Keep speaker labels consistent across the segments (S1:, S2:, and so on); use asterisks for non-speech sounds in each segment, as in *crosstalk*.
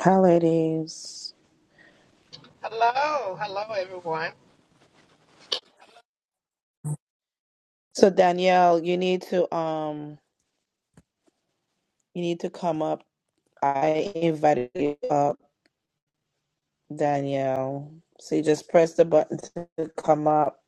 S1: Hi, ladies.
S2: Hello, hello everyone.
S1: So Danielle, you need to um, you need to come up. I invited you up, Danielle. So you just press the button to come up.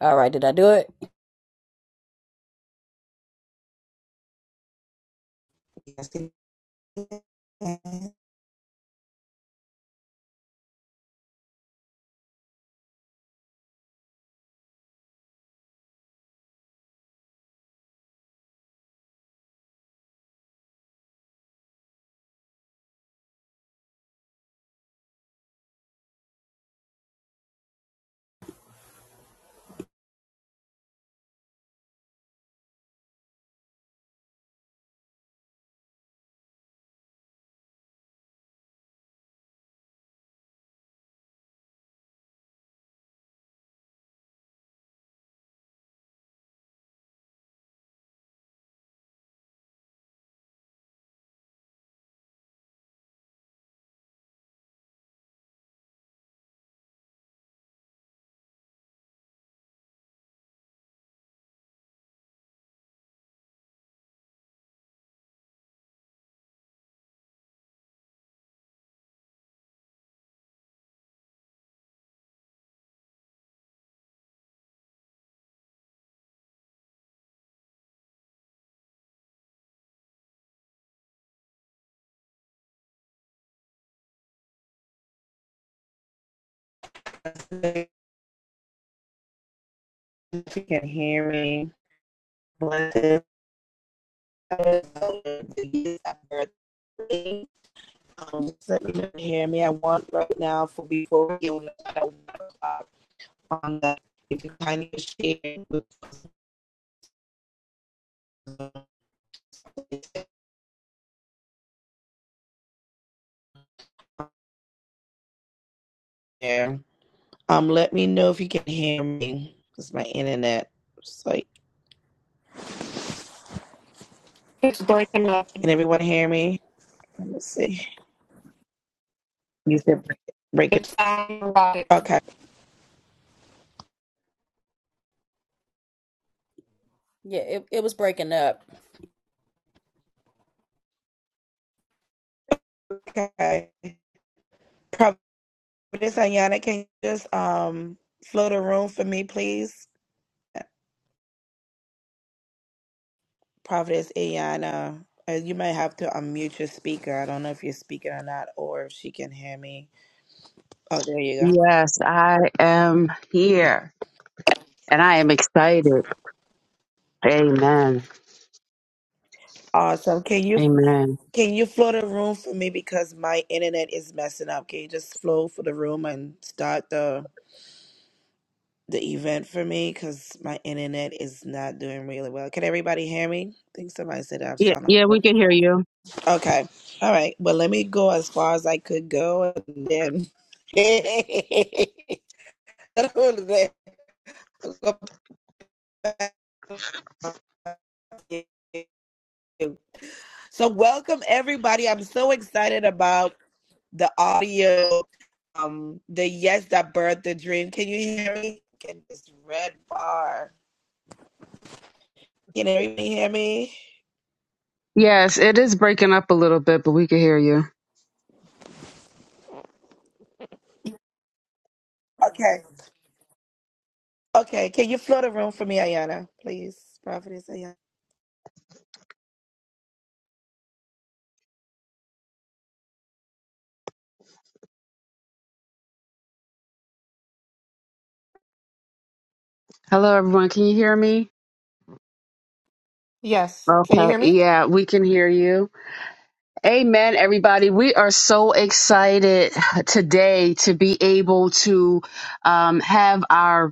S3: All right, did I do it?
S1: Yes, you can. If you can hear me, blessed. Um, so you can hear me. I want right now for before we get on the at one o'clock on that. If you kindly share with us, it's on there. Um, let me know if you can hear me. It's my internet. It's like,
S4: It's breaking up.
S1: can everyone hear me? Let me see. You said break it. Break it.
S4: It's sounding robotic.
S1: Okay.
S3: Yeah, it, it was breaking up.
S1: Okay. Providence Ayana, can you just um float a room for me, please? Providence Ayana. Uh, You might have to unmute your speaker. I don't know if you're speaking or not, or if she can hear me. Oh, there you go.
S5: Yes, I am here and I am excited. Amen.
S1: Awesome. Can you
S5: Amen.
S1: can you float a room for me because my internet is messing up? Can you just flow for the room and start the the event for me because my internet is not doing really well. Can everybody hear me? I think somebody said I've
S5: Yeah,
S1: sound off.
S5: yeah, we can hear you.
S1: Okay. All right. Well, let me go as far as I could go and then *laughs* go back. So welcome everybody. I'm so excited about the audio. Um the yes that birthed the dream. Can you hear me? Get this red bar. Can everybody hear me?
S5: Yes, it is breaking up a little bit, but we can hear you.
S1: Okay. Okay. Can you flood the room for me, Ayana, please? Prophetess Ayana.
S5: Hello, everyone. Can you hear me?
S4: Yes. Can you
S5: Okay.
S4: hear me?
S5: Yeah, we can hear you. Amen, everybody. We are so excited today to be able to um, have our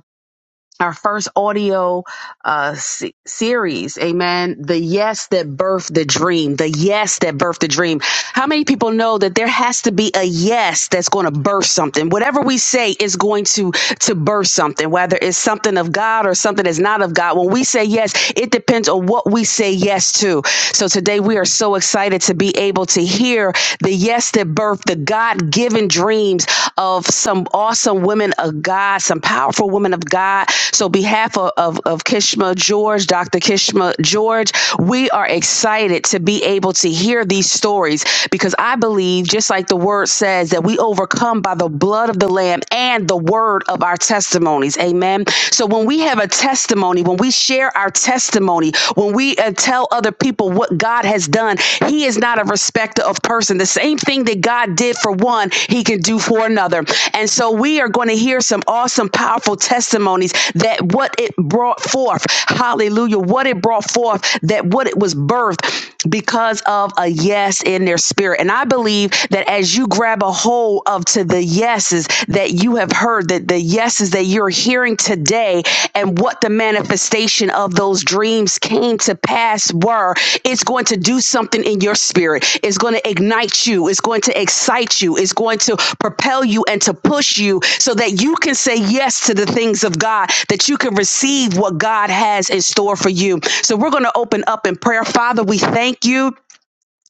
S5: our first audio uh, se- series. Amen. The yes that birthed the dream. The yes that birthed the dream. How many people know that there has to be a yes that's going to birth something? Whatever we say is going to to birth something, whether it's something of God or something that's not of God. When we say yes, it depends on what we say yes to. So today we are so excited to be able to hear the yes that birthed the God-given dreams of some awesome women of God, some powerful women of God. So behalf of, of, of Kishma George, Dr. Kishma George, we are excited to be able to hear these stories stories because I believe, just like the word says, that we overcome by the blood of the Lamb and the word of our testimonies. Amen. So when we have a testimony, when we share our testimony, when we uh, tell other people what God has done, He is not a respecter of person. The same thing that God did for one, He can do for another. And so we are going to hear some awesome, powerful testimonies that what it brought forth. Hallelujah. What it brought forth, that what it was birthed because of a a yes in their spirit. And I believe that as you grab a hold of to the yeses that you have heard, that the yeses that you're hearing today and what the manifestation of those dreams came to pass were, it's going to do something in your spirit. It's going to ignite you. It's going to excite you. It's going to propel you and to push you so that you can say yes to the things of God, that you can receive what God has in store for you. So we're going to open up in prayer. Father, we thank you.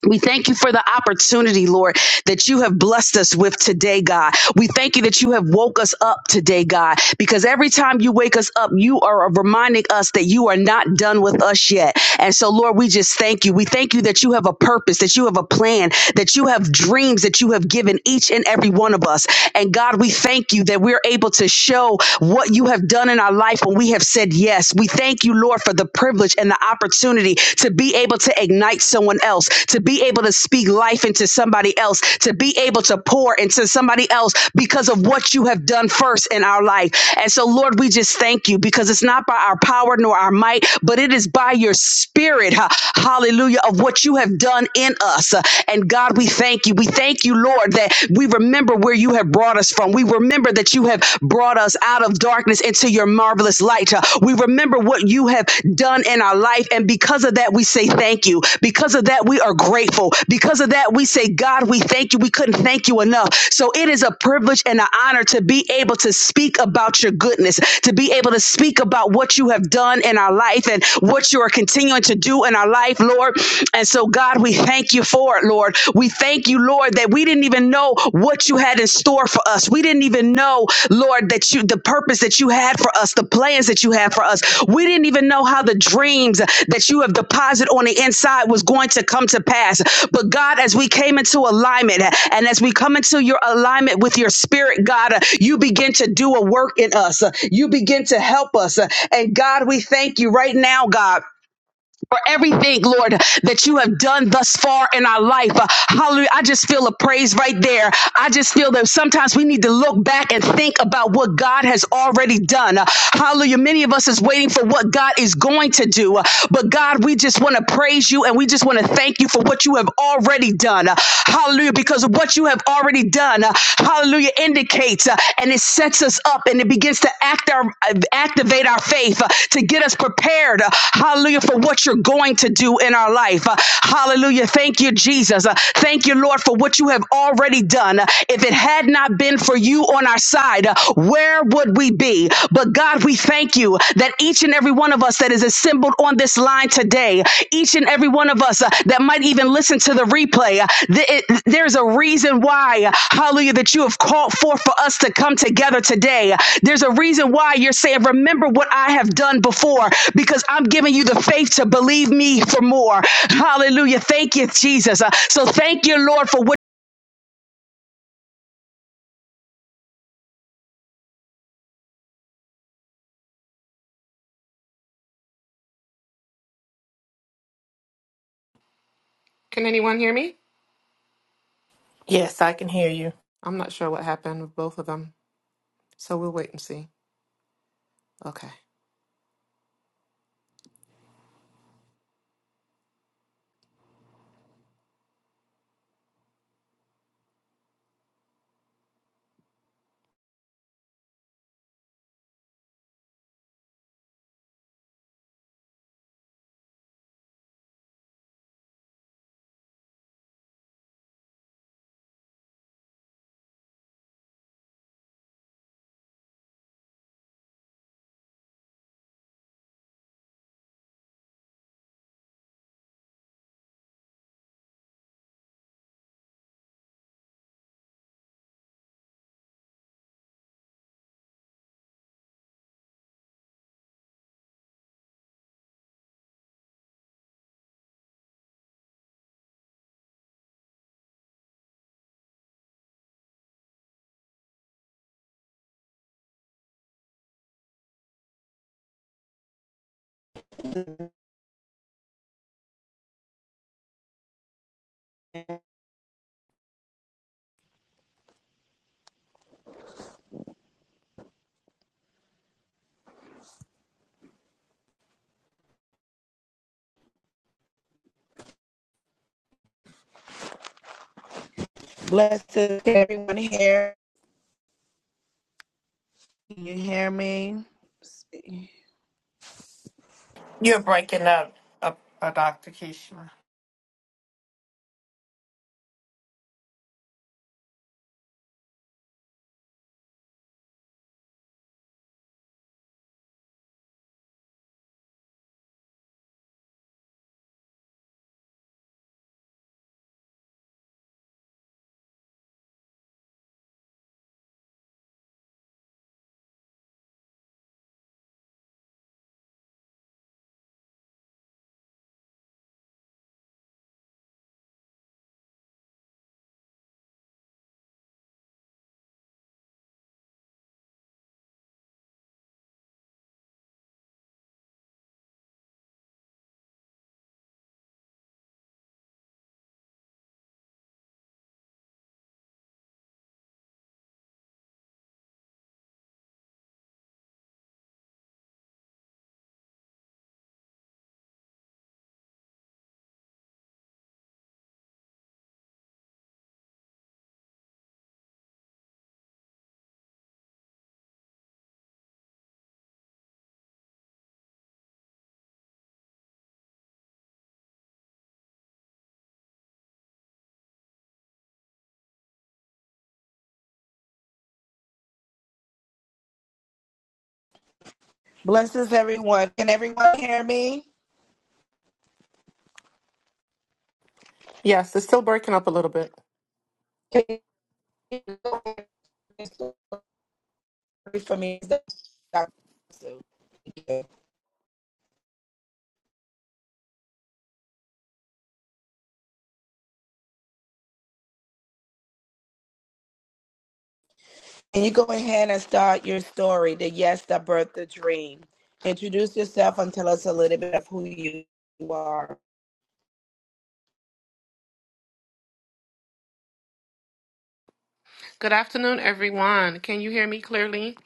S5: We thank you for the opportunity, Lord, that you have blessed us with today, God. We thank you that you have woke us up today, God, because every time you wake us up, you are reminding us that you are not done with us yet. And so, Lord, we just thank you. We thank you that you have a purpose, that you have a plan, that you have dreams that you have given each and every one of us. And God, we thank you that we're able to show what you have done in our life when we have said yes. We thank you, thank you, Lord, for the privilege and the opportunity to be able to ignite someone else, to be able to speak life into somebody else, to be able to pour into somebody else because of what you have done first in our life. And so, Lord, we just thank you because it's not by our power nor our might, but it is by your spirit, ha- hallelujah, of what you have done in us. Uh, And God, we thank you. We thank you, Lord, that we remember where you have brought us from. We remember that that you have brought us out of darkness into your marvelous light. Uh, We remember what you have done in our life. And because of that, we say thank you. Because of that, we are grateful. Because of that, we say, God, we thank you. We couldn't thank you enough. So it is a privilege and an honor to be able to speak about your goodness, to be able to speak about what you have done in our life and what you are continuing to do in our life, Lord. And so, God, we thank you for it, Lord. We thank you, Lord, that we didn't even know what you had in store for us. We didn't even know, Lord, that you, the purpose that you had for us, the plans that you had for us. We didn't even know how the dreams that you have deposited on the inside was going to come to pass. But God, as we came into alignment and as we come into your alignment with your spirit, God, uh, you begin to do a work in us. Uh, You begin to help us. Uh, And God, we thank you right now, God for everything, Lord, that you have done thus far in our life. Uh, Hallelujah. I just feel a praise right there. I just feel that sometimes we need to look back and think about what God has already done. Uh, Hallelujah. Many of us is waiting for what God is going to do. Uh, But God, we just want to praise you and we just want to thank you for what you have already done. Uh, Hallelujah. Because of what you have already done, uh, hallelujah, indicates uh, and it sets us up and it begins to act our uh, activate our faith uh, to get us prepared. uh, Hallelujah for what you're going to do in our life. Uh, Hallelujah. Thank you, Jesus. Uh, Thank you, Lord, for what you have already done. Uh, If it had not been for you on our side, uh, where would we be? But God, we thank you that each and every one of us that is assembled on this line today, each and every one of us uh, that might even listen to the replay, uh, th- it- there's a reason why, uh, hallelujah, that you have called forth for us to come together today. There's a reason why you're saying, Remember what I have done before because I'm giving you the faith to believe me for more. Hallelujah. Thank you, Jesus. Uh, So thank you, Lord, for what
S4: Can anyone hear me?
S2: Yes, I can hear you.
S4: I'm not sure what happened with both of them. So we'll wait and see. Okay.
S1: Blessings to everyone here. Can you hear me?
S2: You're breaking up, uh, uh, Dr. Kishma.
S1: Blesses everyone. Can everyone hear me?
S4: Yes, it's still breaking up a little bit.
S1: Can you pray for me? Can you go ahead and start your story? The yes that birthed the dream. Introduce yourself and tell us a little bit of who you are.
S4: Good afternoon, everyone. Can you hear me clearly?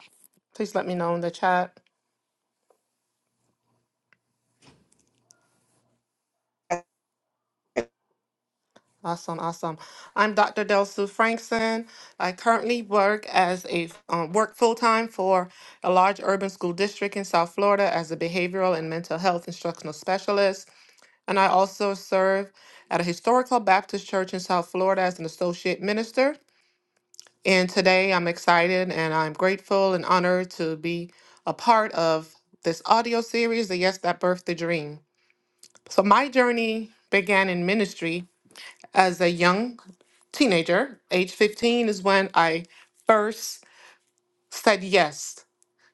S4: Please let me know in the chat. Awesome, awesome. I'm Dr. Delsu Frankson. I currently work as a um, work full time for a large urban school district in South Florida as a behavioral and mental health instructional specialist. And I also serve at a historical Baptist church in South Florida as an associate minister. And today I'm excited and I'm grateful and honored to be a part of this audio series, the Yes That Birthed the Dream. So my journey began in ministry as a young teenager. Age 15 is when I first said yes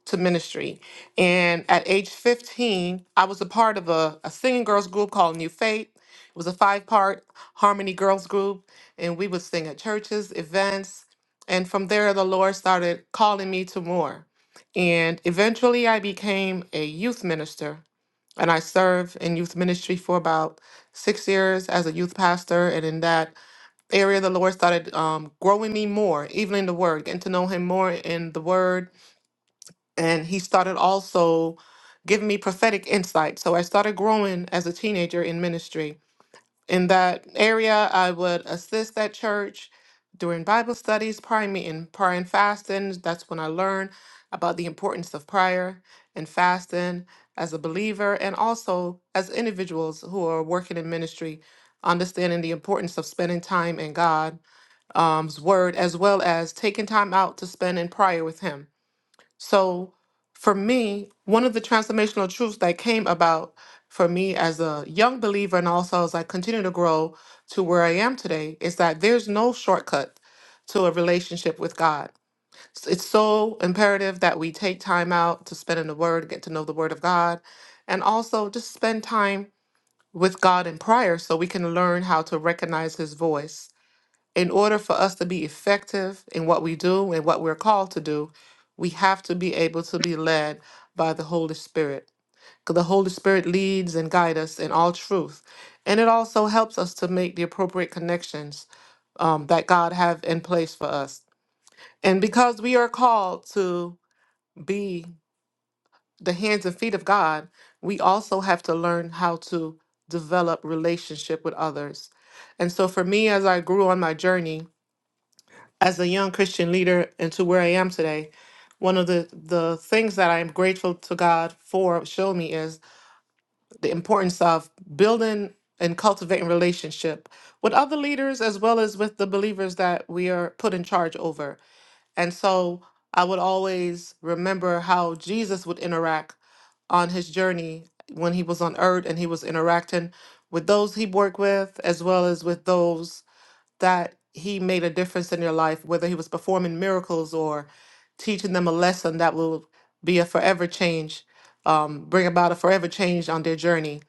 S4: to ministry. And at age 15, I was a part of a, a singing girls group called New Faith. It was a five part harmony girls group, and we would sing at churches, events. And from there, the Lord started calling me to more. And eventually, I became a youth minister, and I served in youth ministry for about six years as a youth pastor. And in that area, the Lord started um, growing me more, even in the Word, getting to know Him more in the Word and he started also giving me prophetic insight. So I started growing as a teenager in ministry. In that area, I would assist that church during Bible studies, praying me in prayer and fasting. That's when I learned about the importance of prayer and fasting as a believer and also as individuals who are working in ministry, understanding the importance of spending time in God's um, word as well as taking time out to spend in prayer with him so for me, one of the transformational truths that came about for me as a young believer and also as I continue to grow to where I am today is that there's no shortcut to a relationship with God. S- It's so imperative that we take time out to spend in the Word, get to know the Word of God, and also just spend time with God in prayer so we can learn how to recognize His voice in order for us to be effective in what we do and what we're called to do, we have to be able to be led by the Holy Spirit. 'Cause The Holy Spirit leads and guides us in all truth. And it also helps us to make the appropriate connections um, that God have in place for us. And because we are called to be the hands and feet of God, we also have to learn how to develop relationship with others. And so for me, as I grew on my journey, as a young Christian leader and to where I am today, one of the, the things that I am grateful to God for showing me is the importance of building and cultivating relationship with other leaders as well as with the believers that we are put in charge over. And so I would always remember how Jesus would interact on his journey when he was on earth and he was interacting with those he worked with as well as with those that he made a difference in your life, whether he was performing miracles or teaching them a lesson that will be a forever change, um, bring about a forever change on their journey.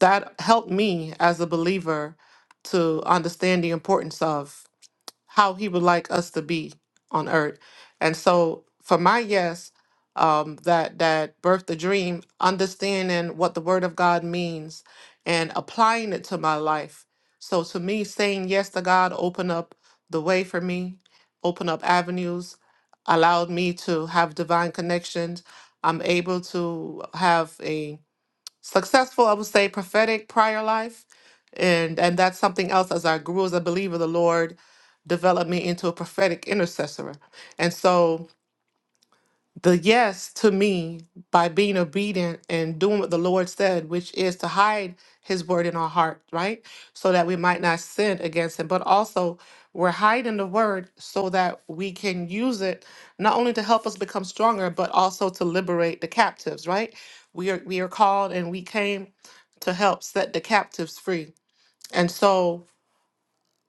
S4: That helped me as a believer to understand the importance of how he would like us to be on earth. And so for my yes, um, that that birthed the dream, understanding what the word of God means and applying it to my life. So to me, saying yes to God opened up the way for me, opened up avenues, allowed me to have divine connections. I'm able to have a successful, I would say prophetic prior life. And and that's something else as I grew as a believer, the Lord developed me into a prophetic intercessor. And so the yes to me by being obedient and doing what the Lord said, which is to hide his word in our heart, right? So that we might not sin against him. But also, we're hiding the word so that we can use it not only to help us become stronger, but also to liberate the captives, right? We are we are called and we came to help set the captives free. And so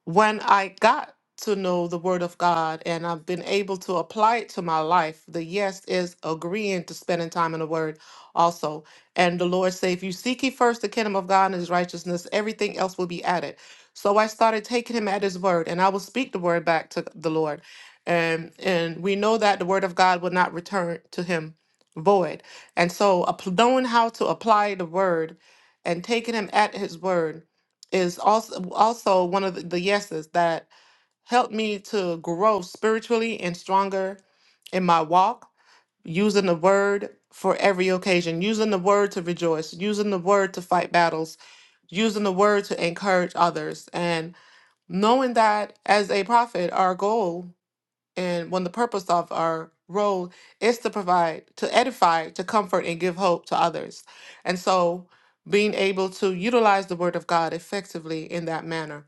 S4: when I got to know the Word of God and I've been able to apply it to my life, the yes is agreeing to spending time in the Word also. And the Lord said, if you seek ye first the kingdom of God and his righteousness, everything else will be added. So I started taking him at his word and I will speak the word back to the Lord. And and we know that the word of God will not return to him void. And so app- knowing how to apply the word and taking him at his word is also also one of the, the yeses that helped me to grow spiritually and stronger in my walk using the word for every occasion using the word to rejoice using the word to fight battles using the word to encourage others and knowing that as a prophet our goal and when the purpose of our role is to provide, to edify, to comfort, and give hope to others. And so being able to utilize the word of God effectively in that manner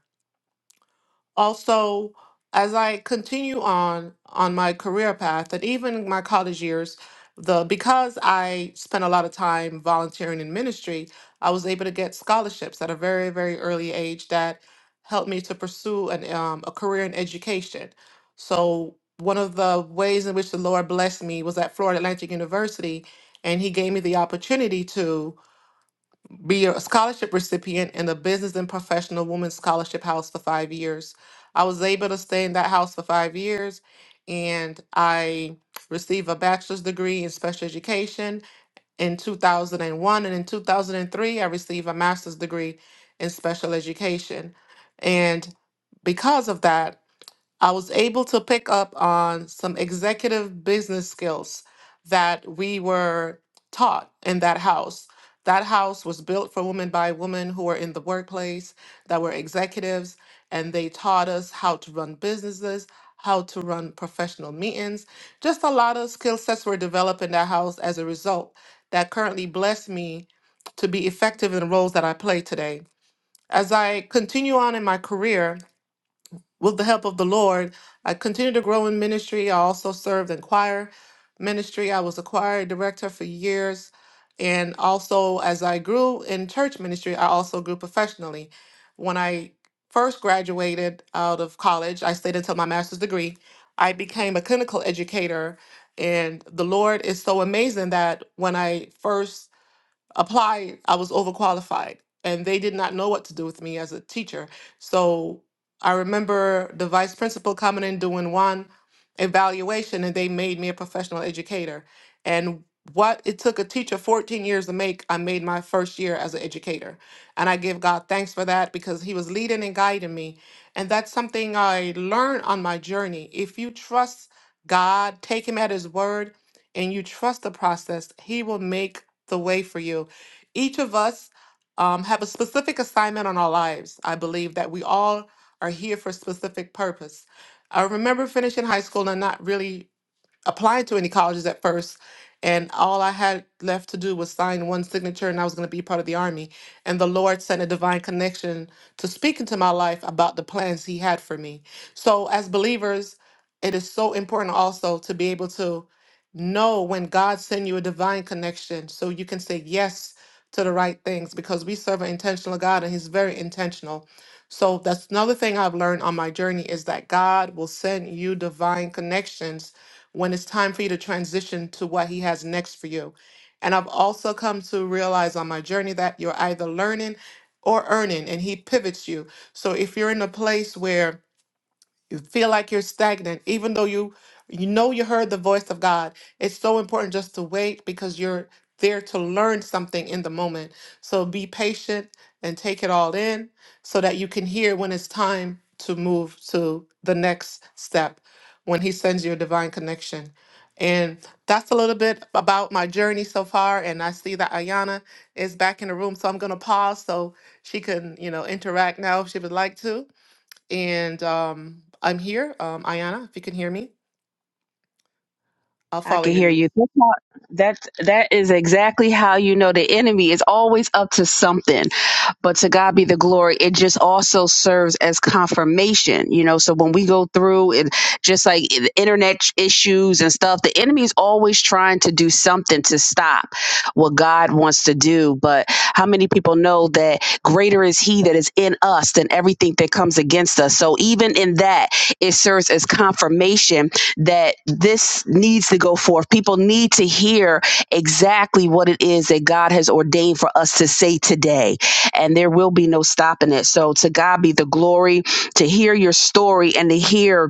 S4: also as i continue on on my career path and even my college years the because i spent a lot of time volunteering in ministry i was able to get scholarships at a very very early age that helped me to pursue an, um, a career in education so one of the ways in which the lord blessed me was at florida atlantic university and he gave me the opportunity to be a scholarship recipient in the Business and Professional Women's Scholarship House for five years. I was able to stay in that house for five years and I received a bachelor's degree in special education in 2001. And in 2003, I received a master's degree in special education. And because of that, I was able to pick up on some executive business skills that we were taught in that house. That house was built for women by women who were in the workplace, that were executives, and they taught us how to run businesses, how to run professional meetings. Just a lot of skill sets were developed in that house as a result that currently bless me to be effective in the roles that I play today. As I continue on in my career, with the help of the Lord, I continued to grow in ministry. I also served in choir ministry. I was a choir director for years. And also, as I grew in church ministry, I also grew professionally. When I first graduated out of college, I stayed until my master's degree. I became a clinical educator. And the Lord is so amazing that when I first applied, I was overqualified, and they did not know what to do with me as a teacher. So I remember the vice principal coming in doing one evaluation, and they made me a professional educator. And what it took a teacher 14 years to make, I made my first year as an educator. And I give God thanks for that because He was leading and guiding me. And that's something I learned on my journey. If you trust God, take Him at His word, and you trust the process, He will make the way for you each of us um, have a specific assignment on our lives. I believe that we all are here for a specific purpose. I remember finishing high school and not really applied to any colleges at first and all I had left to do was sign one signature and I was going to be part of the army and the Lord sent a divine connection to speak into my life about the plans he had for me. So as believers, it is so important also to be able to know when God sends you a divine connection so you can say yes to the right things because we serve an intentional God and he's very intentional. So that's another thing I've learned on my journey is that God will send you divine connections when it's time for you to transition to what He has next for you. And I've also come to realize on my journey that you're either learning or earning, and He pivots you. So if you're in a place where you feel like you're stagnant even though you you know you heard the voice of god it's so important just to wait because you're there to learn something in the moment so be patient and take it all in so that you can hear when it's time to move to the next step when he sends you a divine connection and that's a little bit about my journey so far and i see that ayana is back in the room so i'm going to pause so she can you know interact now if she would like to and um, I'm here, um, Ayana, if you can hear me. I'll
S5: I
S4: follow
S5: can
S4: your
S5: hear
S4: lead.
S5: you. That's how, that that is exactly how you know the enemy is always up to something. But to God be the glory. It just also serves as confirmation, you know. So when we go through and just like the internet issues and stuff, the enemy is always trying to do something to stop what God wants to do. But how many people know that greater is He that is in us than everything that comes against us? So even in that, it serves as confirmation that this needs to go forth. People need to hear exactly what it is that God has ordained for us to say today, and there will be no stopping it. So, to God be the glory to hear your story and to hear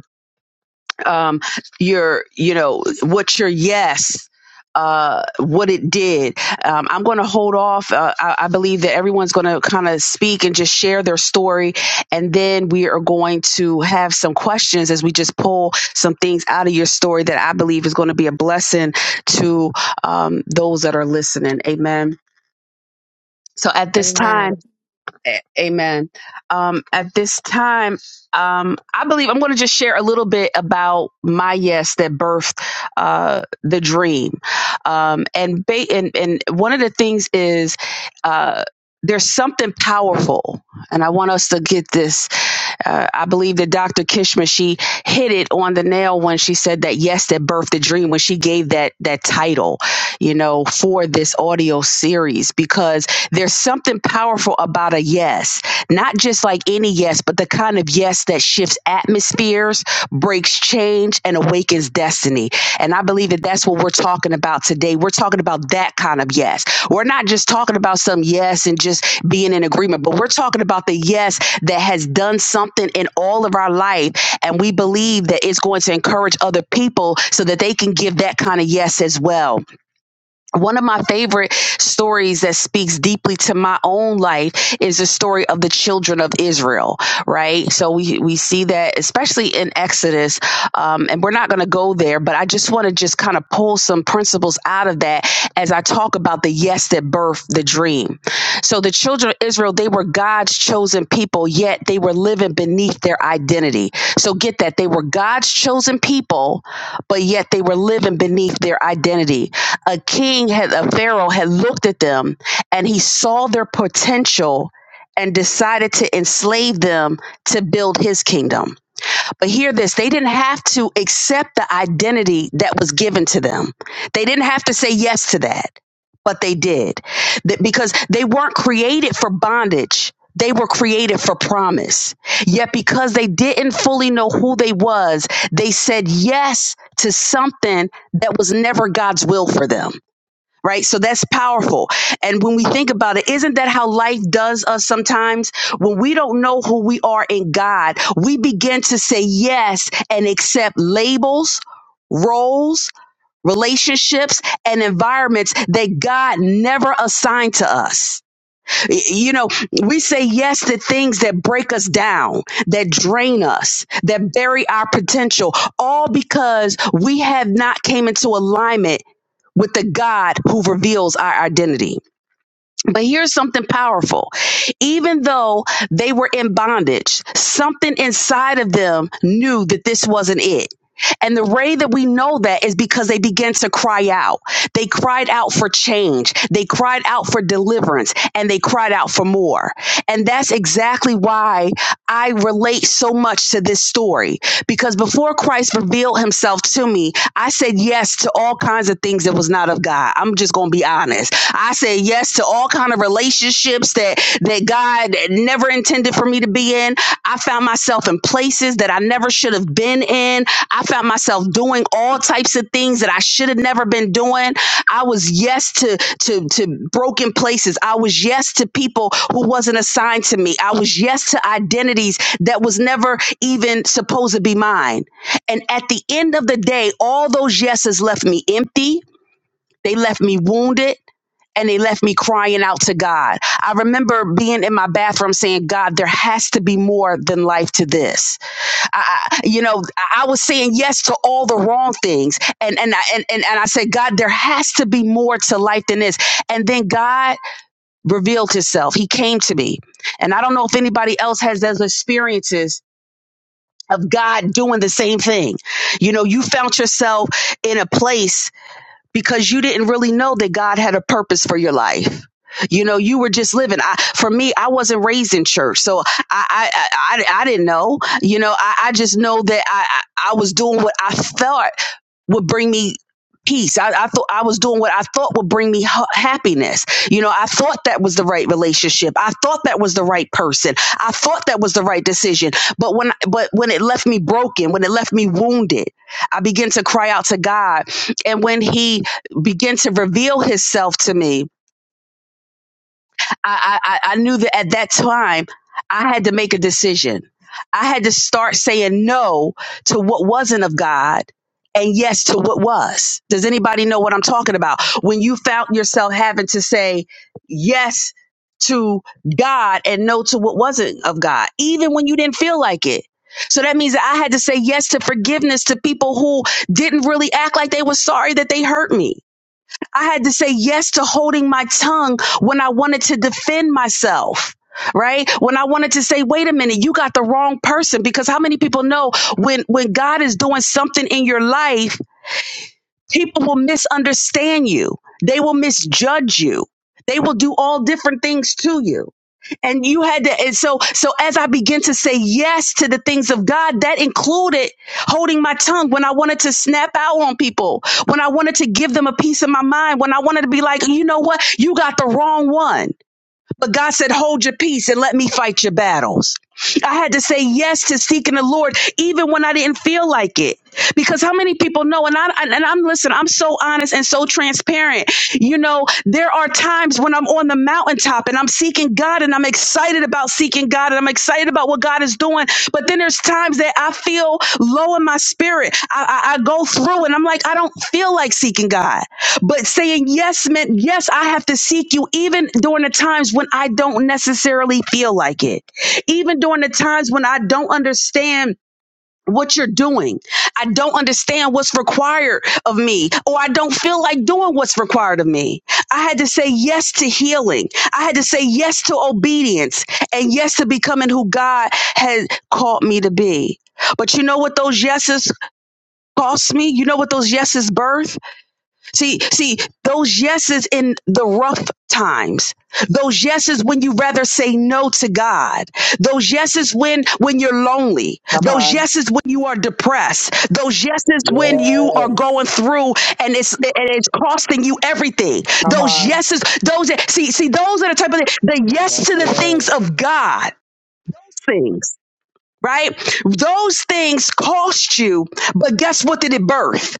S5: um, your, you know, what your yes, uh, what it did. Um, I'm going to hold off. Uh, I, I believe that everyone's going to kind of speak and just share their story. And then we are going to have some questions as we just pull some things out of your story that I believe is going to be a blessing to um, those that are listening. Amen. So at this time,
S4: Amen.
S5: a- Amen. Um, at this time, um, I believe I'm going to just share a little bit about my yes that birthed uh, the dream. Um, and, ba- and and one of the things is uh, there's something powerful, and I want us to get this. Uh, I believe that Dr. Kishma she hit it on the nail when she said that yes that birthed the dream when she gave that that title you know, for this audio series because there's something powerful about a yes, not just like any yes, but the kind of yes that shifts atmospheres, breaks change, and awakens destiny. And I believe that that's what we're talking about today. We're talking about that kind of yes. We're not just talking about some yes and just being in agreement, but we're talking about the yes that has done something in all of our life. And we believe that it's going to encourage other people so that they can give that kind of yes as well one of my favorite stories that speaks deeply to my own life is the story of the children of Israel, right? So we, we see that especially in Exodus, um, and we're not going to go there, but I just want to just kind of pull some principles out of that as I talk about the yes that birthed the dream. So the children of Israel, they were God's chosen people, yet they were living beneath their identity. So get that. They were God's chosen people, but yet they were living beneath their identity a king had a pharaoh had looked at them and he saw their potential and decided to enslave them to build his kingdom. But hear this, they didn't have to accept the identity that was given to them. They didn't have to say yes to that, but they did. That- because they weren't created for bondage. They were created for promise. Yet because they didn't fully know who they was, they said yes to something that was never God's will for them right? So that's powerful. And when we think about it, isn't that how life does us sometimes? When we don't know who we are in God, we begin to say yes and accept labels, roles, relationships, and environments that God never assigned to us. Y- You know, we say yes to things that break us down, that drain us, that bury our potential, all because we have not came into alignment with the God who reveals our identity. But here's something powerful. Even though they were in bondage, something inside of them knew that this wasn't it. And the way that we know that is because they began to cry out. They cried out for change. They cried out for deliverance and they cried out for more. And that's exactly why I relate so much to this story because before Christ revealed himself to me, I said yes to all kinds of things that was not of God. I'm just gonna be honest. I said yes to all kind of relationships that that God never intended for me to be in. I found myself in places that I never should have been in. I found myself doing all types of things that I should have never been doing. I was yes to to to broken places. I was yes to people who wasn't assigned to me. I was yes to identities that was never even supposed to be mine. And at the end of the day, all those yeses left me empty. They left me wounded and they left me crying out to God. I remember being in my bathroom saying, God, there has to be more than life to this. I, I- you know, I I was saying yes to all the wrong things. And, and, I, and, and, and I said, God, there has to be more to life than this. And then God revealed himself. He came to me. And I don't know if anybody else has those experiences of God doing the same thing. You know, you found yourself in a place because you didn't really know that God had a purpose for your life. You know, you were just living. I, for me, I wasn't raised in church, so I I I, I didn't know. You know, I, I just know that I I I was doing what I felt would bring me peace. I, I thought I was doing what I thought would bring me ha- happiness. You know, I thought that was the right relationship. I thought that was the right person. I thought that was the right decision. But when but when it left me broken, when it left me wounded, I began to cry out to God. And when he began to reveal himself to me, I, I, I knew that at that time I had to make a decision. I had to start saying no to what wasn't of God and yes to what was. Does anybody know what I'm talking about? When you found yourself having to say yes to God and no to what wasn't of God, even when you didn't feel like it. So that means that I had to say yes to forgiveness to people who didn't really act like they were sorry that they hurt me. I had to say yes to holding my tongue when I wanted to defend myself. Right? When I wanted to say, wait a minute, you got the wrong person. Because how many people know when, when God is doing something in your life, people will misunderstand you. They will misjudge you. They will do all different things to you and you had to and so so as i began to say yes to the things of god that included holding my tongue when i wanted to snap out on people when i wanted to give them a piece of my mind when i wanted to be like you know what you got the wrong one but God said, hold your peace and let me fight your battles. I had to say yes to seeking the Lord, even when I didn't feel like it. Because how many people know? And I and I'm listen. I'm so honest and so transparent. You know, there are times when I'm on the mountaintop and I'm seeking God, and I'm excited about seeking God, and I'm excited about what God is doing. But then there's times that I feel low in my spirit. I, I, I go through, and I'm like, I don't feel like seeking God. But saying yes meant, yes, I have to seek you even during the times when I don't necessarily feel like it, even during the times when I don't understand what you're doing. I don't understand what's required of me, or I don't feel like doing what's required of me. I had to say yes to healing. I had to say yes to obedience and yes to becoming who God had called me to be. But you know what those yeses cost me? You know what those yeses birth? See, see, those yeses in the rough times, those yeses when you rather say no to God, those yeses when when you're lonely,
S1: Come
S5: those
S1: on.
S5: yeses when you are depressed, those yeses when you are
S1: Yes.
S5: going through and it's and it's costing you everything.
S1: Come
S5: Those
S1: on.
S5: yeses, those see, see, those are the type of the yes
S1: That's
S5: to the
S1: good.
S5: things of God things right? Those things cost you, but guess what did it birth?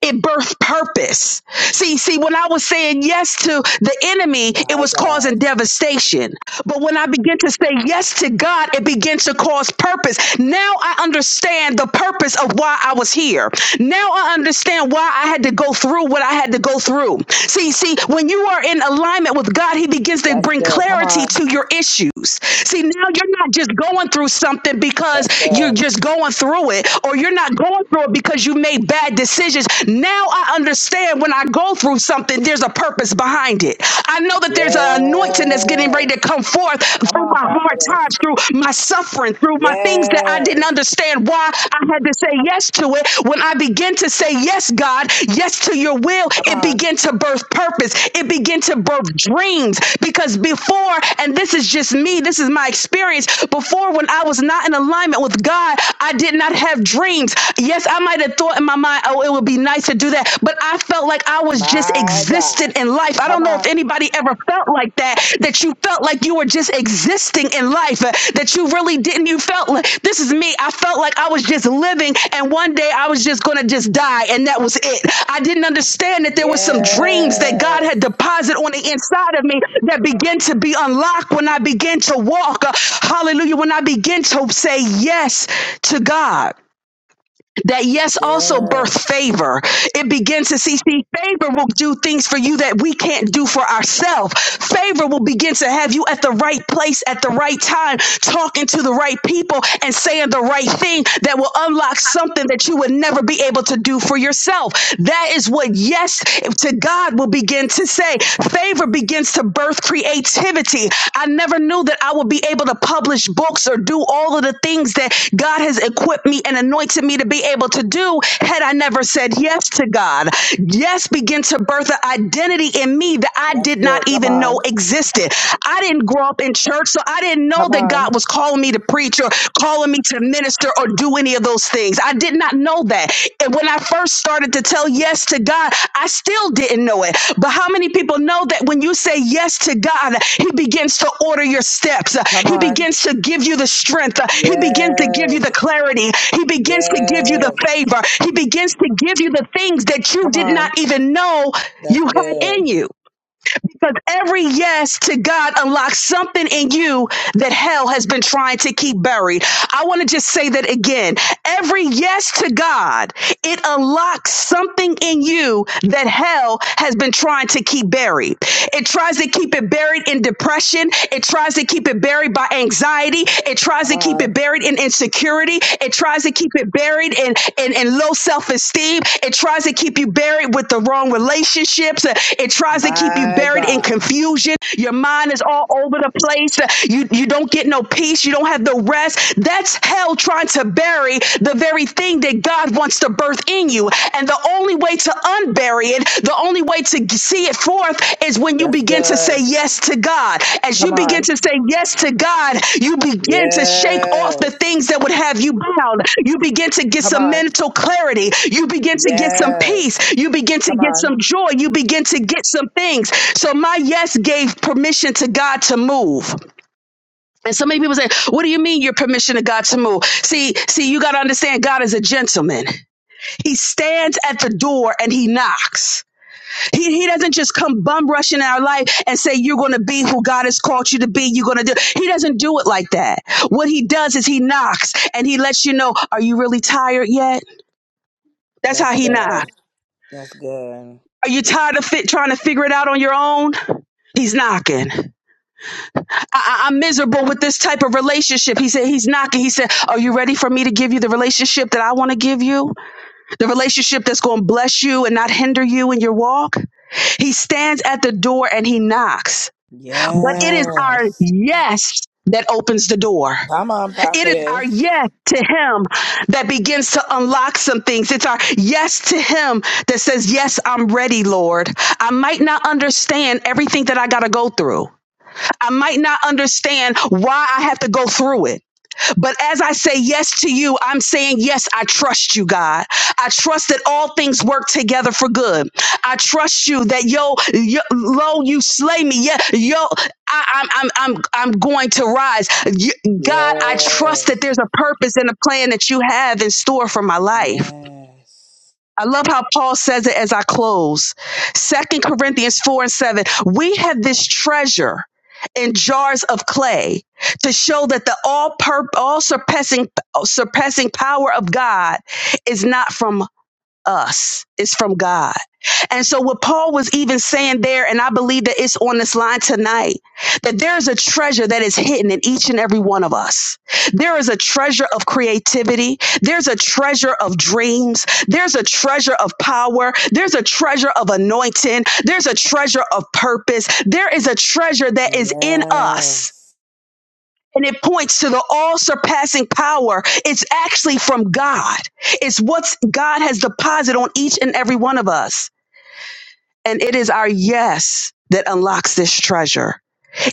S5: It birthed purpose. See, see, when I was saying yes to the enemy, it
S1: My
S5: was causing
S1: God.
S5: devastation. But when I begin to say yes to God, it begins to cause purpose. Now I understand the purpose of why I was here. Now I understand why I had to go through what I had to go through. See, see, when you are in alignment with God, He begins to
S1: That's
S5: bring
S1: good. Come
S5: clarity
S1: on.
S5: to your issues. See, now you're not just going through something because
S1: That's
S5: you're
S1: good.
S5: just going through it, or you're not going through it because you made bad decisions. Now I understand when I go through something, there's a purpose behind behind it. I know that there's an anointing that's getting ready
S1: Yes.
S5: to come forth
S1: Come
S5: through
S1: on,
S5: my hard
S1: prophetess.
S5: times, through my suffering, through my things that I didn't
S1: Yes.
S5: understand why I had to say yes to it. When I begin to say yes, God, yes to your will,
S1: Come
S5: it
S1: on.
S5: began to birth purpose. It began to birth dreams. Because before, and this is just me, this is my experience, before when I was not in alignment with God, I did not have dreams. Yes, I might have thought in my mind, oh, it would be nice to to do that. But I felt like I was just
S1: My God.
S5: existed in life. I
S1: Come
S5: don't know if
S1: on.
S5: anybody ever felt like that, that you felt like you were just existing in life, uh, that you really didn't. You felt like this is me. I felt like I was just living and one day I was just going to just die and that was it. I didn't understand that there were some dreams that God
S1: Yes.
S5: had deposited on the inside of me that began to be unlocked when I began to walk. Uh, Hallelujah. When I began to say yes to God that yes also birth
S1: Yes.
S5: favor it begins to see see favor will do things for you that we can't do for ourselves favor will begin to have you at the right place at the right time talking to the right people and saying the right thing that will unlock something that you would never be able to do for yourself that is what yes to god will begin to say favor begins to to birth creativity. I never knew that I would be able to publish books or do all of the things that God has equipped me and anointed me to be able to do had I never said yes to God. Yes, began to birth an identity in me that I
S1: That's
S5: did
S1: good.
S5: not
S1: Come
S5: even know
S1: on.
S5: existed. I didn't grow up in church, so I didn't know
S1: Come
S5: that God
S1: on.
S5: was calling me to preach or calling me to minister or do do any of those things. I did not know that. And when I first started to tell yes to God, I still didn't know it. But how many people know that when you say yes to God, He begins to order your steps, Uh,
S1: Come
S5: He
S1: on.
S5: begins to give you the strength, Uh, He begins to give you
S1: Yes.
S5: the clarity, He begins to give you the
S1: Yes.
S5: favor, He begins to give you the things that you
S1: Come
S5: did not
S1: on.
S5: even know
S1: That's
S5: you had in
S1: good.
S5: you. Because every yes to God unlocks something in you that hell has been trying to keep buried. I want to just say that again. Every yes to God, it unlocks something in you that hell has been trying to keep buried. It tries to keep it buried in depression. It tries to keep it buried by anxiety. It tries
S1: Come
S5: to keep it
S1: on.
S5: buried buried in insecurity. It tries to keep it buried in, in, in low self esteem. It tries to keep you buried with the wrong relationships. It tries to keep you
S1: My
S5: buried in
S1: God.
S5: confusion. Your mind is all over the place. You, you don't get no peace. You don't have no rest. That's hell trying to bury the very thing that God wants to birth in you. And the only way to unbury bury it. The only way to g- see it forth is when you
S1: That's
S5: begin to say
S1: good.
S5: yes to God. As you
S1: Come
S5: begin
S1: on.
S5: to say yes to God, you begin to shake off the
S1: Yes.
S5: things that would have you bound. You begin to get
S1: Come
S5: some
S1: on.
S5: mental clarity. You begin to get some
S1: Yes.
S5: peace. You begin to
S1: Come
S5: get
S1: on.
S5: some joy. You begin to get some things. So my yes gave permission to God to move. And so many people say, What do you mean your permission to God to move? See, see, you gotta understand God is a gentleman. He stands at the door and he knocks. He, he doesn't just come bum rushing our life and say, You're going to be who God has called you to be. You're going to do. He doesn't do it like that. What he does is he knocks and he lets you know, Are you really tired yet? That's how
S1: That's
S5: he
S1: good.
S5: knocks.
S1: That's good.
S5: Are you tired of fit, trying to figure it out on your own? He's knocking. I, I, I'm miserable with this type of relationship. He said, He's knocking. He said, Are you ready for me to give you the relationship that I want to give you? The relationship that's going to bless you and not hinder you in your walk? He stands at the door and he knocks. But it is our
S1: Yes.
S5: yes that opens the door.
S1: Come on,
S5: It is our
S1: prophetess.
S5: yes to Him that begins to unlock some things. It's our yes to Him that says, Yes, I'm ready, Lord. I might not understand everything that I got to go through. I might not understand why I have to go through it. But as I say yes to you, I'm saying, yes, I trust you, God. I trust that all things work together for good. I trust you that yo, yo lo, you slay me. Yeah, yo, I, I'm, I'm, I'm, I'm going to rise. You- God, I trust that
S1: Yes.
S5: there's a purpose and a plan that you have in store for my life.
S1: Yes.
S5: I love how Paul says it as I close. Second Corinthians 4 and 7. We have this treasure in jars of clay to show that the all pur- all surpassing surpassing power of God is not from us. It's from God. And so what Paul was even saying there, and I believe that it's on this line tonight, that there is a treasure that is hidden in each and every one of us. There is a treasure of creativity. There's a treasure of dreams. There's a treasure of power. There's a treasure of anointing. There's a treasure of purpose. There is a treasure that is in us
S1: Yes.
S5: and it points to the all surpassing power. It's actually from God. It's what God has deposited on each and every one of us. And it is our yes that unlocks this treasure.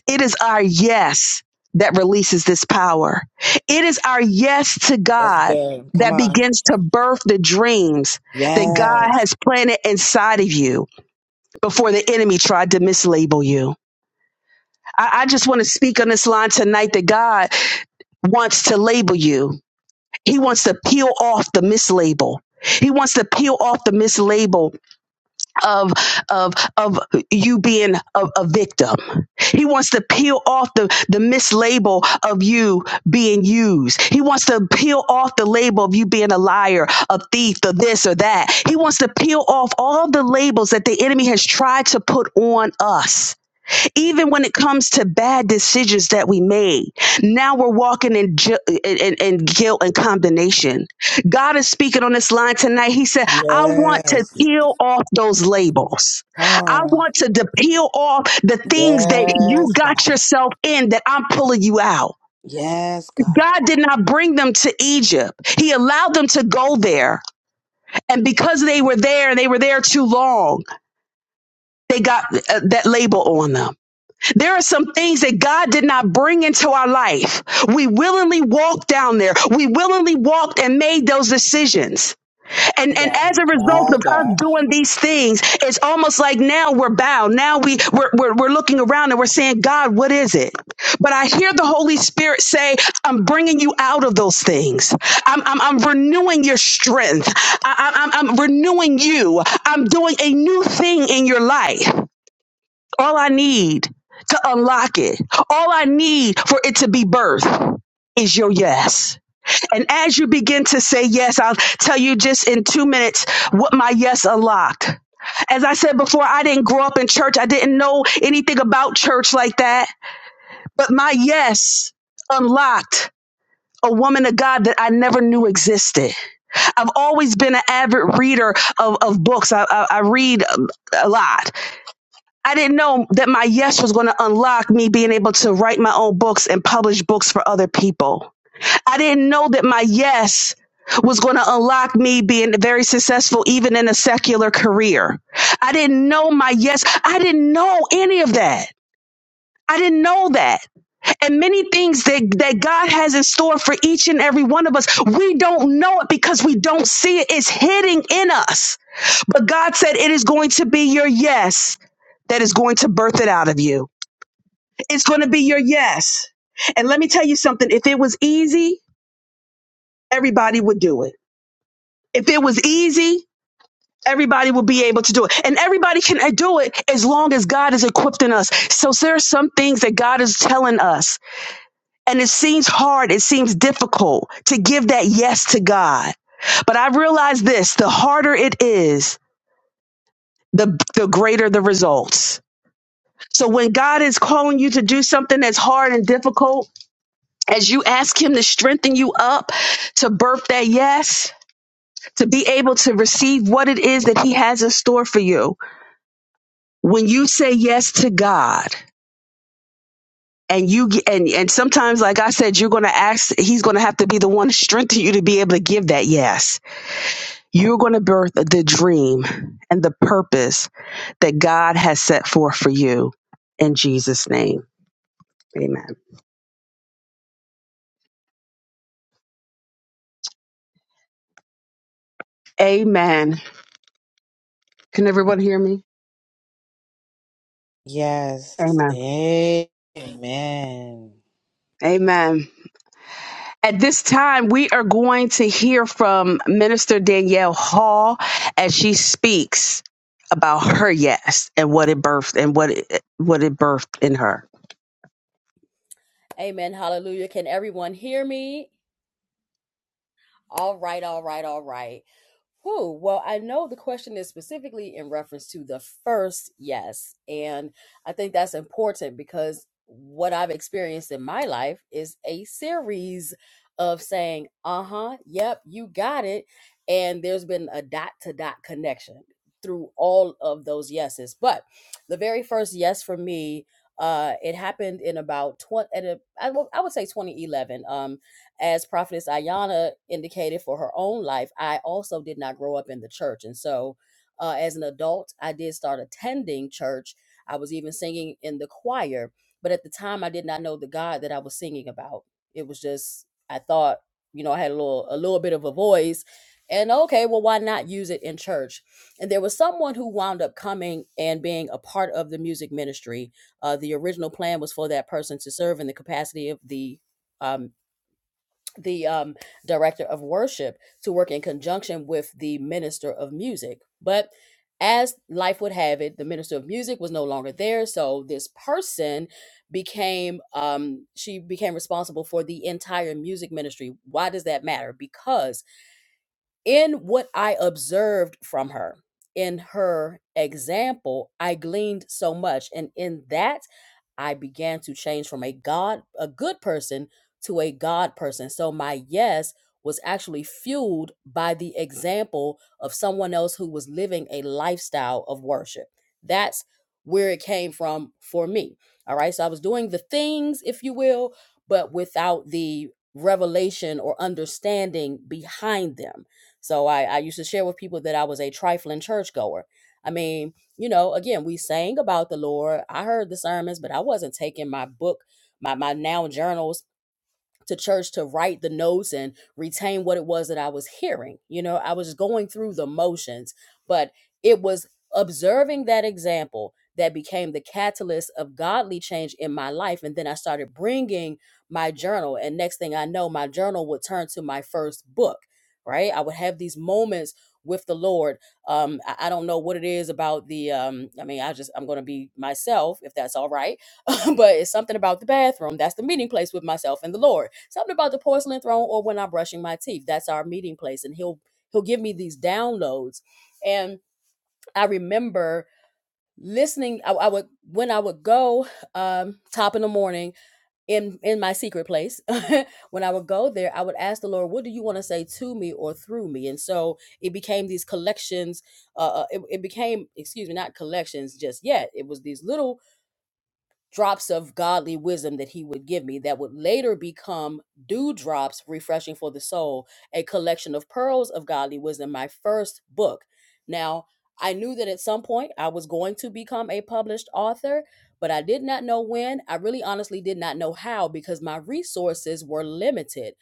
S5: It is our yes that releases this power. It is our yes to
S1: That's
S5: God
S1: good. Come
S5: that
S1: on.
S5: begins to birth the dreams that God
S1: Yes.
S5: has planted inside of you before the enemy tried to mislabel you. I, I just want to speak on this line tonight that God wants to label you. He wants to peel off the mislabel. He wants to peel off the mislabel of of of you being a, a victim. He wants to peel off the the mislabel of you being used. He wants to peel off the label of you being a liar, a thief, or this or that. He wants to peel off all the labels that the enemy has tried to put on us even when it comes to bad decisions that we made now we're walking in, ju- in, in guilt and condemnation god is speaking on this line tonight he said i want to
S1: Yes.
S5: peel off those labels
S1: Come
S5: i
S1: on.
S5: want to de- peel off the things that you
S1: Yes,
S5: got
S1: God.
S5: yourself in that i'm pulling you out
S1: Yes, God.
S5: god did not bring them to egypt he allowed them to go there and because they were there and they were there too long they got uh, that label on them There are some things that God did not bring into our life. We willingly walked down there. We willingly walked and made those decisions. And,
S1: My
S5: and
S1: God.
S5: as a result
S1: My
S5: of us
S1: God.
S5: doing these things, it's almost like now we're bound. Now we, we're, we're, we're looking around and we're saying, God, what is it? But I hear the Holy Spirit say, I'm bringing you out of those things. I'm, I'm, I'm renewing your strength. I, I, I'm I'm renewing you. I'm doing a new thing in your life. All I need to unlock it, all I need for it to be birthed is your yes. And as you begin to say yes, I'll tell you just in two minutes what my yes unlocked. As I said before, I didn't grow up in church. I didn't know anything about church like that. But my yes unlocked a woman of God that I never knew existed. I've always been an avid reader of, of books. I, I, I read um, a lot. I didn't know that my yes was going to unlock me being able to write my own books and publish books for other people. I didn't know that my yes was going to unlock me being very successful even in a secular career. I didn't know my yes. I didn't know any of that. I didn't know that. And many things that, that God has in store for each and every one of us, we don't know it because we don't see it. It's hidden in us. But God said it is going to be your yes that is going to birth it out of you. It's going to be your yes. And let me tell you something if it was easy, everybody would do it. If it was easy, everybody would be able to do it. And everybody can uh, do it as long as God is equipping us. So there are some things that God is telling us, and it seems hard, it seems difficult to give that yes to God. But I realize this the harder it is, the, the greater the results. So when God is calling you to do something that's hard and difficult, as you ask Him to strengthen you up, to birth that yes, to be able to receive what it is that He has in store for you. When you say yes to God, and you ge- and and sometimes, like I said, you're going to ask. He's going to have to be the one to strengthen you to be able to give that yes. You're going to birth the dream and the purpose that God has set forth for you. In Jesus' name, Amen. Amen. Can everyone hear me?
S1: Yes.
S5: Amen.
S1: Amen.
S5: Amen. At this time, we are going to hear from Minister Danielle Hall as she speaks about her yes and what it birthed and what it what it birthed in her.
S3: Amen. Hallelujah. Can everyone hear me? All right, all right, all right. Whew. Well, I know the question is specifically in reference to the first yes. And I think that's important because what I've experienced in my life is a series of saying, uh huh, yep, you got it. And there's been a dot to dot connection through all of those yeses. But the very first yes for me, uh, it happened in about 20, at a, I, w- I would say 2011 as prophetess Ayanna indicated for her own life i also did not grow up in the church and so uh, as an adult i did start attending church i was even singing in the choir but at the time i did not know the god that i was singing about it was just i thought you know i had a little a little bit of a voice and okay well why not use it in church and there was someone who wound up coming and being a part of the music ministry uh, the original plan was for that person to serve in the capacity of the um, the um, director of worship to work in conjunction with the minister of music. But as life would have it, the minister of music was no longer there. So this person became, um, she became responsible for the entire music ministry. Why does that matter? Because in what I observed from her, in her example, I gleaned so much. And in that, I began to change from a God, a good person, to a God person. So my yes was actually fueled by the example of someone else who was living a lifestyle of worship. That's where it came from for me. All right. So I was doing the things, if you will, but without the revelation or understanding behind them. So I, I used to share with people that I was a trifling churchgoer. I mean, you know, again, we sang about the Lord. I heard the sermons, but I wasn't taking my book, my my now journals to church to write the notes and retain what it was that I was hearing. You know, I was going through the motions, but it was observing that example that became the catalyst of godly change in my life. And then I started bringing my journal. And next thing I know, my journal would turn to my first book, right? I would have these moments with the Lord. Um, I, I don't know what it is about the, um, I mean, I just, I'm going to be myself if that's all right *laughs* but it's something about the bathroom. That's the meeting place with myself and the Lord. Something about the porcelain throne or when I'm brushing my teeth. That's our meeting place. And he'll he'll give me these downloads. And I remember listening. I, I would when I would go um top in the morning in in my secret place, *laughs* when I would go there, I would ask the Lord, what do you want to say to me or through me? And so it became these collections, uh uh, it, it became, excuse me, not collections just yet. It was these little drops of godly wisdom that he would give me that would later become dewdrops refreshing for the soul a collection of pearls of godly wisdom my first book now i knew that at some point i was going to become a published author but i did not know when i really honestly did not know how because my resources were limited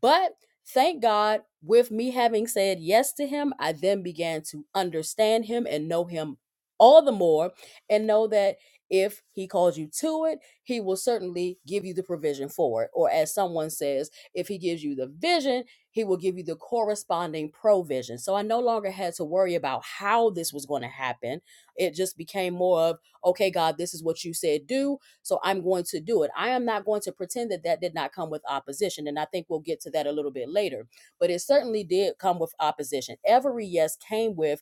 S3: but thank god with me having said yes to him i then began to understand him and know him all the more and know that if he calls you to it, he will certainly give you the provision for it. Or as someone says, if he gives you the vision, he will give you the corresponding provision. So I no longer had to worry about how this was going to happen. It just became more of, okay, God, this is what you said do. So I'm going to do it. I am not going to pretend that that did not come with opposition. And I think we'll get to that a little bit later. But it certainly did come with opposition. Every yes came with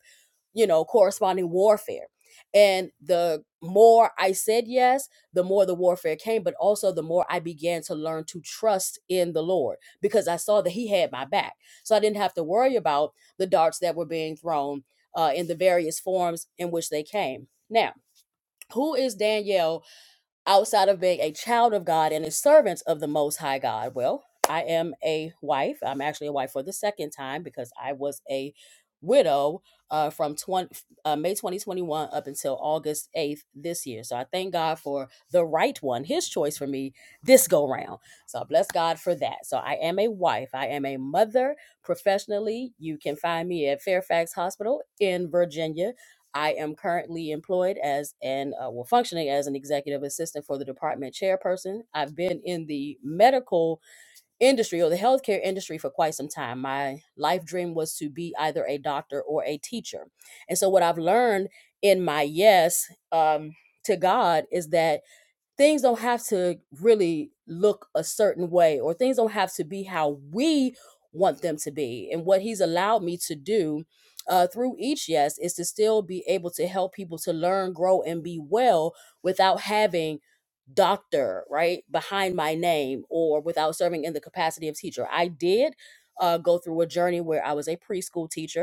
S3: you know, corresponding warfare. And the more I said yes, the more the warfare came, but also the more I began to learn to trust in the Lord because I saw that He had my back. So I didn't have to worry about the darts that were being thrown uh, in the various forms in which they came. Now, who is Danielle outside of being a child of God and a servant of the Most High God? Well, I am a wife. I'm actually a wife for the second time because I was a widow uh, from 20, uh, May 2021 up until August 8th this year. So I thank God for the right one, his choice for me this go round. So I bless God for that. So I am a wife, I am a mother professionally. You can find me at Fairfax Hospital in Virginia I am currently employed as and uh, well functioning as an executive assistant for the department chairperson. I've been in the medical industry or the healthcare industry for quite some time. My life dream was to be either a doctor or a teacher. And so what I've learned in my yes um, to God is that things don't have to really look a certain way or things don't have to be how we want them to be and what he's allowed me to do uh, through each yes is to still be able to help people to learn grow and be well without having doctor right behind my name or without serving in the capacity of teacher i did uh, go through a journey where i was a preschool teacher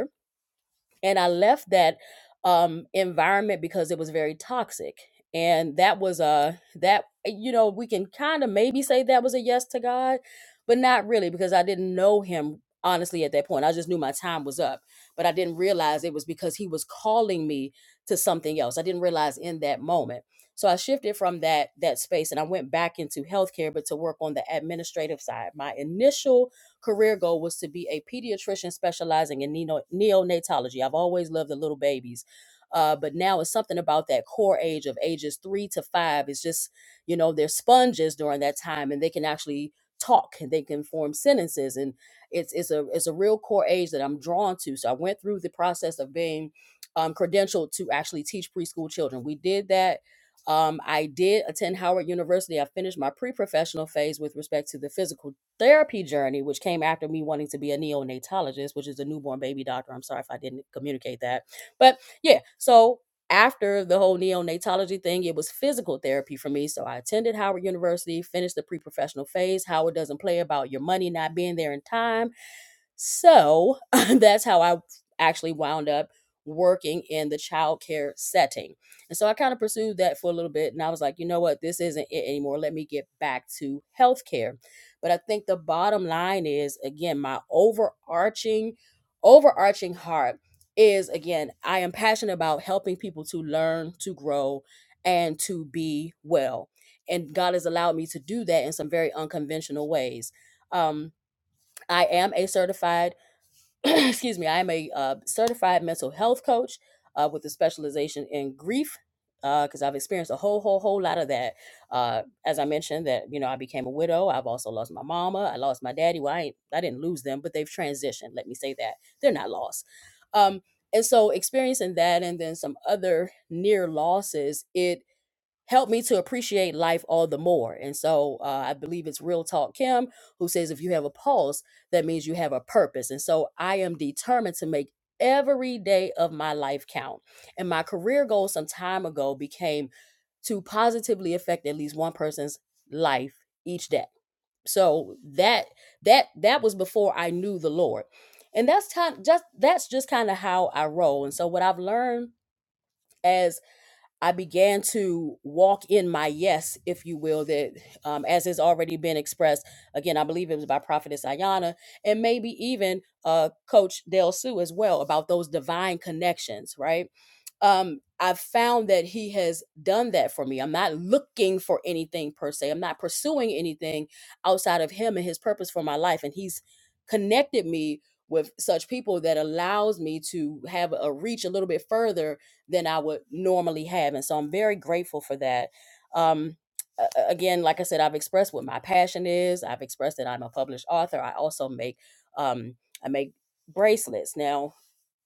S3: and I left that um environment because it was very toxic. And that was a that you know, we can kind of maybe say that was a yes to God, but not really because I didn't know him honestly at that point. I just knew my time was up, but I didn't realize it was because he was calling me to something else. I didn't realize in that moment. So I shifted from that that space and I went back into healthcare but to work on the administrative side. My initial career goal was to be a pediatrician specializing in neo- neonatology. I've always loved the little babies. Uh, but now it's something about that core age of ages three to five. It's just, you know, they're sponges during that time and they can actually talk and they can form sentences. And it's it's a it's a real core age that I'm drawn to. So I went through the process of being um, credentialed to actually teach preschool children. We did that. Um, I did attend Howard University. I finished my pre-professional phase with respect to the physical therapy journey, which came after me wanting to be a neonatologist, which is a newborn baby doctor. I'm sorry if I didn't communicate that. But yeah, so after the whole neonatology thing, it was physical therapy for me. So I attended Howard University, finished the pre professional phase. Howard doesn't play about your money not being there in time. So *laughs* that's how I actually wound up working in the childcare setting. And so I kind of pursued that for a little bit. And I was like, you know what? This isn't it anymore. Let me get back to healthcare. But I think the bottom line is, again, my overarching, overarching heart is, again, I am passionate about helping people to learn, to grow, and to be well. And God has allowed me to do that in some very unconventional ways. Um, I am a certified *clears throat* excuse me, I am a uh, certified mental health coach uh, with a specialization in grief because uh, I've experienced a whole, whole, whole lot of that. Uh, as I mentioned, that you know, I became a widow. I've also lost my mama. I lost my daddy. Well, I ain't, I didn't lose them, but they've transitioned. Let me say that they're not lost. Um, and so, experiencing that, and then some other near losses, it helped me to appreciate life all the more. And so uh, I believe it's Real Talk Kim who says, if you have a pulse, that means you have a purpose. And so I am determined to make every day of my life count. And my career goal some time ago became to positively affect at least one person's life each day. So that that that was before I knew the Lord. And that's kind just that's just kind of how I roll. And so what I've learned as I began to walk in my yes, if you will, that um, as has already been expressed. Again, I believe it was by Prophetess Ayana and maybe even uh, Coach Del Sue as well about those divine connections, right? Um, I've found that he has done that for me. I'm not looking for anything per se. I'm not pursuing anything outside of him and his purpose for my life. And he's connected me with such people that allows me to have a reach a little bit further than I would normally have. And so I'm very grateful for that. Um, a- a- again, like I said, I've expressed what my passion is. I've expressed that I'm a published author. I also make um, I make bracelets. Now,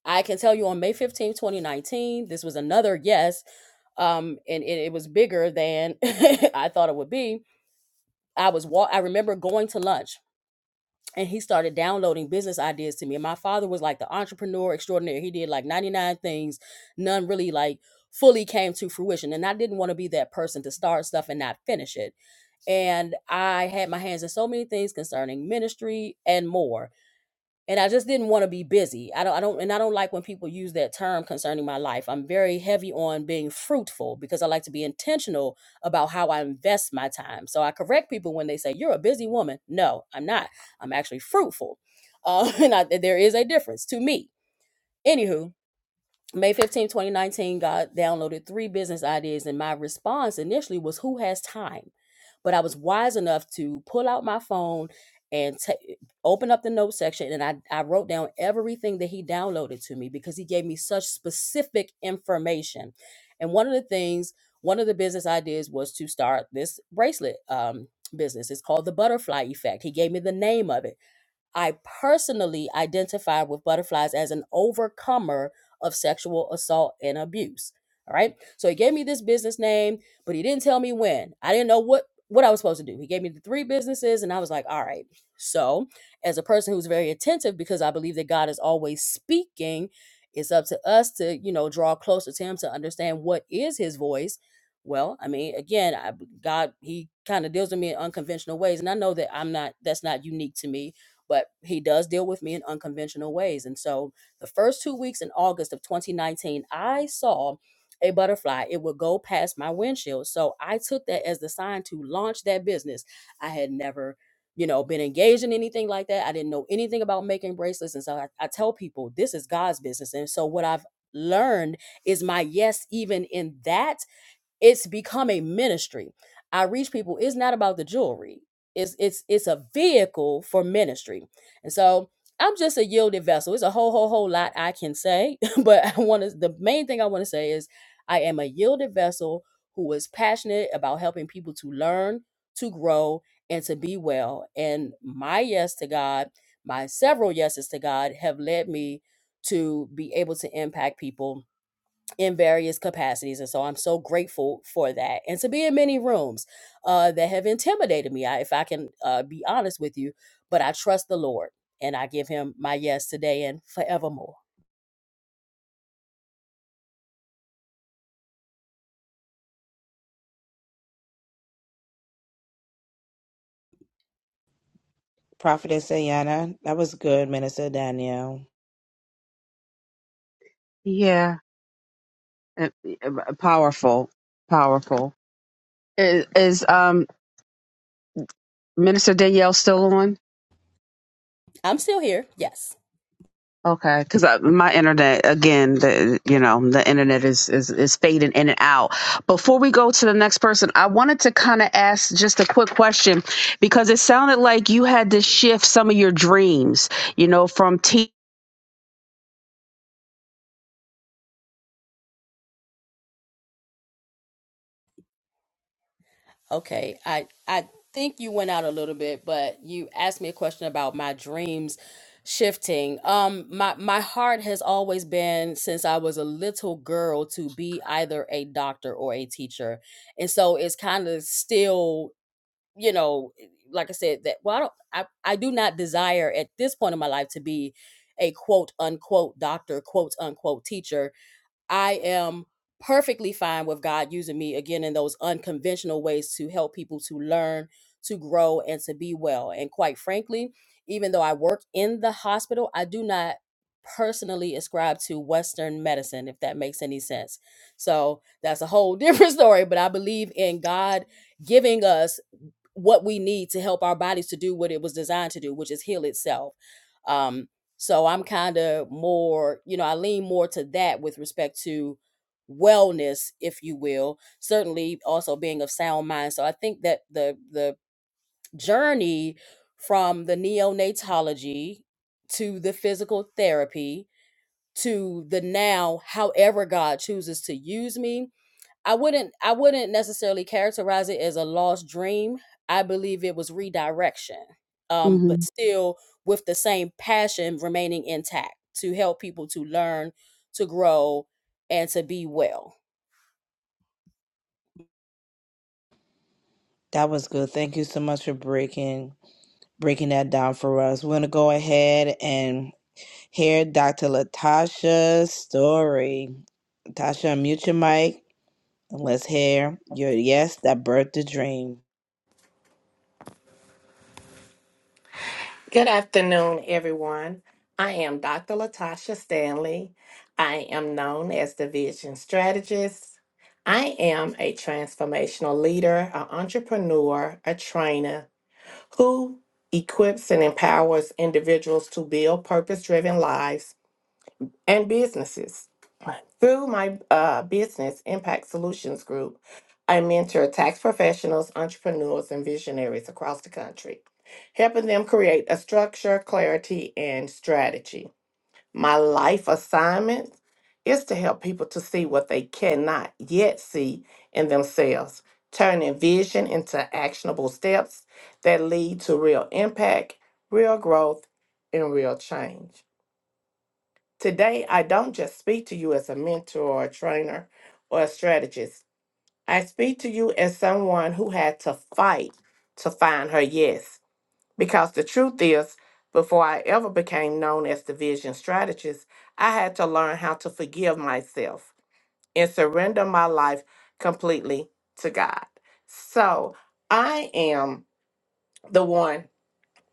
S3: I can tell you on May fifteenth, 2019, this was another yes, um, and, and it was bigger than *laughs* I thought it would be. I was wa- I remember going to lunch and he started downloading business ideas to me. And my father was like the entrepreneur extraordinaire. He did like 99 things, none really like fully came to fruition. And I didn't want to be that person to start stuff and not finish it. And I had my hands in so many things concerning ministry and more and I just didn't want to be busy. I don't I don't and I don't like when people use that term concerning my life. I'm very heavy on being fruitful because I like to be intentional about how I invest my time. So I correct people when they say you're a busy woman. No, I'm not. I'm actually fruitful. Uh, *laughs* and I, there is a difference to me. Anywho, May fifteenth, 2019, God downloaded three business ideas, and my response initially was, Who has time? But I was wise enough to pull out my phone and ta- open up the note section, and I, I wrote down everything that He downloaded to me because He gave me such specific information. And one of the things, one of the business ideas was to start this bracelet um, business. It's called the Butterfly Effect. He gave me the name of it. I personally identify with butterflies as an overcomer of sexual assault and abuse. All right. So he gave me this business name, but he didn't tell me when. I didn't know what what I was supposed to do. He gave me the three businesses and I was like, all right. So, as a person who's very attentive because I believe that God is always speaking, it's up to us to, you know, draw closer to him to understand what is his voice. Well, I mean, again, I, God, he kind of deals with me in unconventional ways and I know that I'm not that's not unique to me but he does deal with me in unconventional ways. And so the first two weeks in August of 2019, I saw a butterfly. It would go past my windshield. So I took that as the sign to launch that business. I had never, you know, been engaged in anything like that. I didn't know anything about making bracelets. And so I, I tell people this is God's business. And so what I've learned is my yes, even in that it's become a ministry. I reach people. It's not about the jewelry. It's it's it's a vehicle for ministry. And so I'm just a yielded vessel. It's a whole whole whole lot I can say, *laughs* but I want to. The main thing I want to say is I am a yielded vessel who is passionate about helping people to learn, to grow, and to be well. And my yes to God, my several yeses to God, have led me to be able to impact people in various capacities. And so I'm so grateful for that. And to be in many rooms uh, that have intimidated me, I, if I can uh, be honest with you, but I trust the Lord and I give him my yes today and forevermore.
S1: Prophetess Ayana, that was good, Minister Danielle.
S5: Yeah, and- and powerful, powerful. Is, is um Minister Danielle still on?
S3: I'm still here. Yes.
S5: Okay, because my internet again, the you know the internet is, is is fading in and out. Before we go to the next person, I wanted to kind of ask just a quick question because it sounded like you had to shift some of your dreams, you know, from te-
S3: Okay. I, I think you went out a little bit, but you asked me a question about my dreams shifting um my my heart has always been since i was a little girl to be either a doctor or a teacher and so it's kind of still you know, eh, like I said, that well, I don't, I, I do not desire at this point in my life to be a quote unquote doctor, quote unquote teacher. I am perfectly fine with God using me again in those unconventional ways to help people to learn, to grow, and to be well. And quite frankly, even though I work in the hospital, I do not personally ascribe to Western medicine, if that makes any sense. So that's a whole *laughs* different story, but I believe in God giving us what we need to help our bodies to do what it was designed to do, which is heal itself. Um, so I'm kind of more, you know, I lean more to that with respect to wellness, if you will. Certainly, also being of sound mind. So I think that the the journey from the neonatology to the physical therapy to the now, however God chooses to use me, I wouldn't I wouldn't necessarily characterize it as a lost dream. I believe it was redirection. Um, but
S5: Mhm.
S3: still with the same passion remaining intact to help people to learn, to grow, and to be well.
S1: That was good. Thank you so much for breaking breaking that down for us. We're gonna go ahead and hear Dr. Latasha's story. Tasha, mute your mic and let's hear your yes that birthed the dream.
S2: Good afternoon, everyone. I am Dr. Latasha Stanley. I am known as the Vision Strategist. I am a transformational leader, an entrepreneur, a trainer who equips and empowers individuals to build purpose driven lives and businesses. Through my uh, business Impact Solutions Group, I mentor tax professionals, entrepreneurs, and visionaries across the country, helping them create a structure, clarity, and strategy. My life assignment is to help people to see what they cannot yet see in themselves, turning vision into actionable steps that lead to real impact, real growth, and real change. Today, I don't just speak to you as a mentor or a trainer or a strategist. I speak to you as someone who had to fight to find her yes. Because the truth is, before I ever became known as the vision strategist, I had to learn how to forgive myself and surrender my life completely to God. So I am the one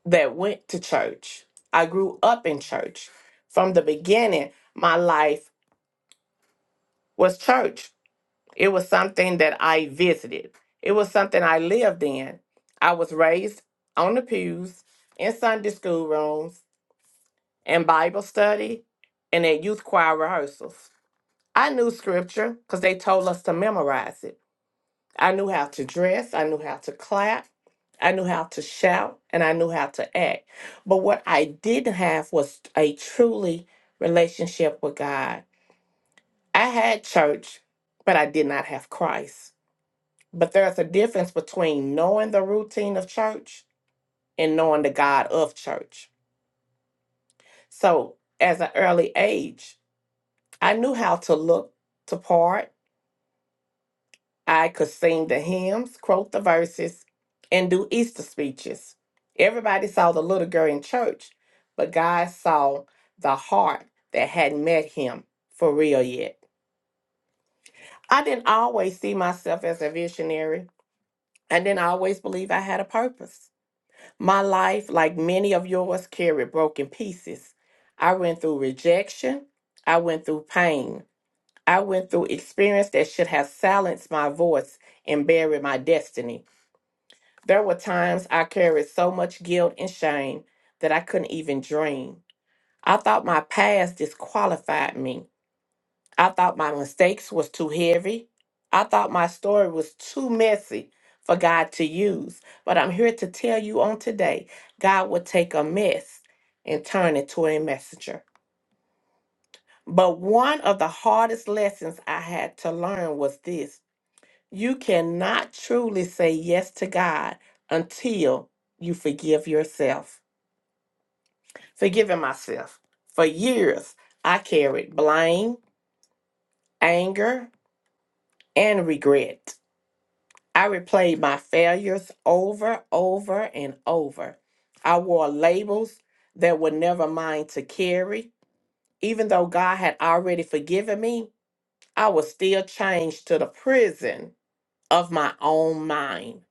S2: that went to church. I grew up in church. From the beginning, my life was church. It was something that I visited. It was something I lived in. I was raised on the pews, in Sunday school rooms, in Bible study, and at youth choir rehearsals. I knew scripture because they told us to memorize it. I knew how to dress, I knew how to clap, I knew how to shout, and I knew how to act. But what I didn't have was a truly relationship with God. I had church, but I did not have Christ. But there's a difference between knowing the routine of church and knowing the God of church. So, as an early age, I knew how to look to part. I could sing the hymns, quote the verses, and do Easter speeches. Everybody saw the little girl in church, but God saw the heart that hadn't met him for real yet. I didn't always see myself as a visionary. I didn't always believe I had a purpose. My life, like many of yours, carried broken pieces. I went through rejection. I went through pain. I went through experience that should have silenced my voice and buried my destiny. There were times I carried so much guilt and shame that I couldn't even dream. I thought my past disqualified me. I thought my mistakes was too heavy. I thought my story was too messy for God to use. But I'm here to tell you on today, God will take a mess and turn it to a messenger. But one of the hardest lessons I had to learn was this. You cannot truly say yes to God until you forgive yourself. Forgiving myself. For years, I carried blame, anger, and regret. I replayed my failures over, over, and over. I wore labels that were never mine to carry. Even though God had already forgiven me, I was still chained to the prison of my own mind.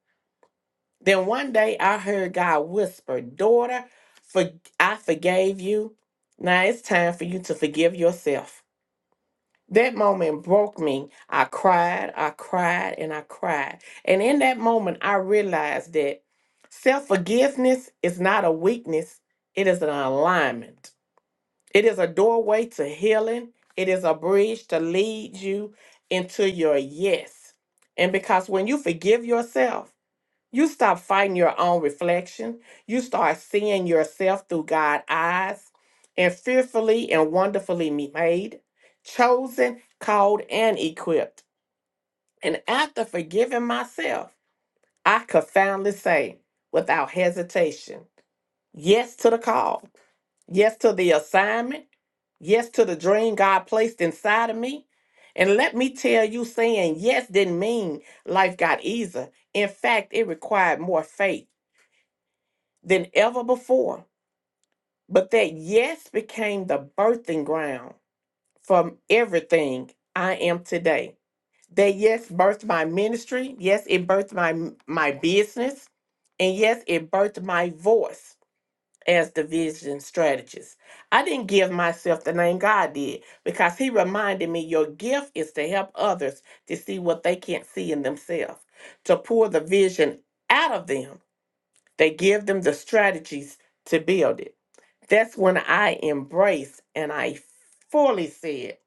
S2: Then one day I heard God whisper, Daughter, for- I forgave you. Now it's time for you to forgive yourself. That moment broke me. I cried, I cried, and I cried. And in that moment, I realized that self forgiveness is not a weakness, it is an alignment. It is a doorway to healing, it is a bridge to lead you into your yes. And because when you forgive yourself, you stop fighting your own reflection. You start seeing yourself through God's eyes and fearfully and wonderfully me- made, chosen, called, and equipped. And after forgiving myself, I could finally say without hesitation yes to the call, yes to the assignment, yes to the dream God placed inside of me. And let me tell you, saying yes didn't mean life got easier. In fact, it required more faith than ever before. But that yes became the birthing ground from everything I am today. That yes birthed my ministry. Yes, it birthed my my business. And yes, it birthed my voice as the vision strategist. I didn't give myself the name God did because He reminded me your gift is to help others to see what they can't see in themselves, to pour the vision out of them, They give them the strategies to build it. That's when I embraced and I fully said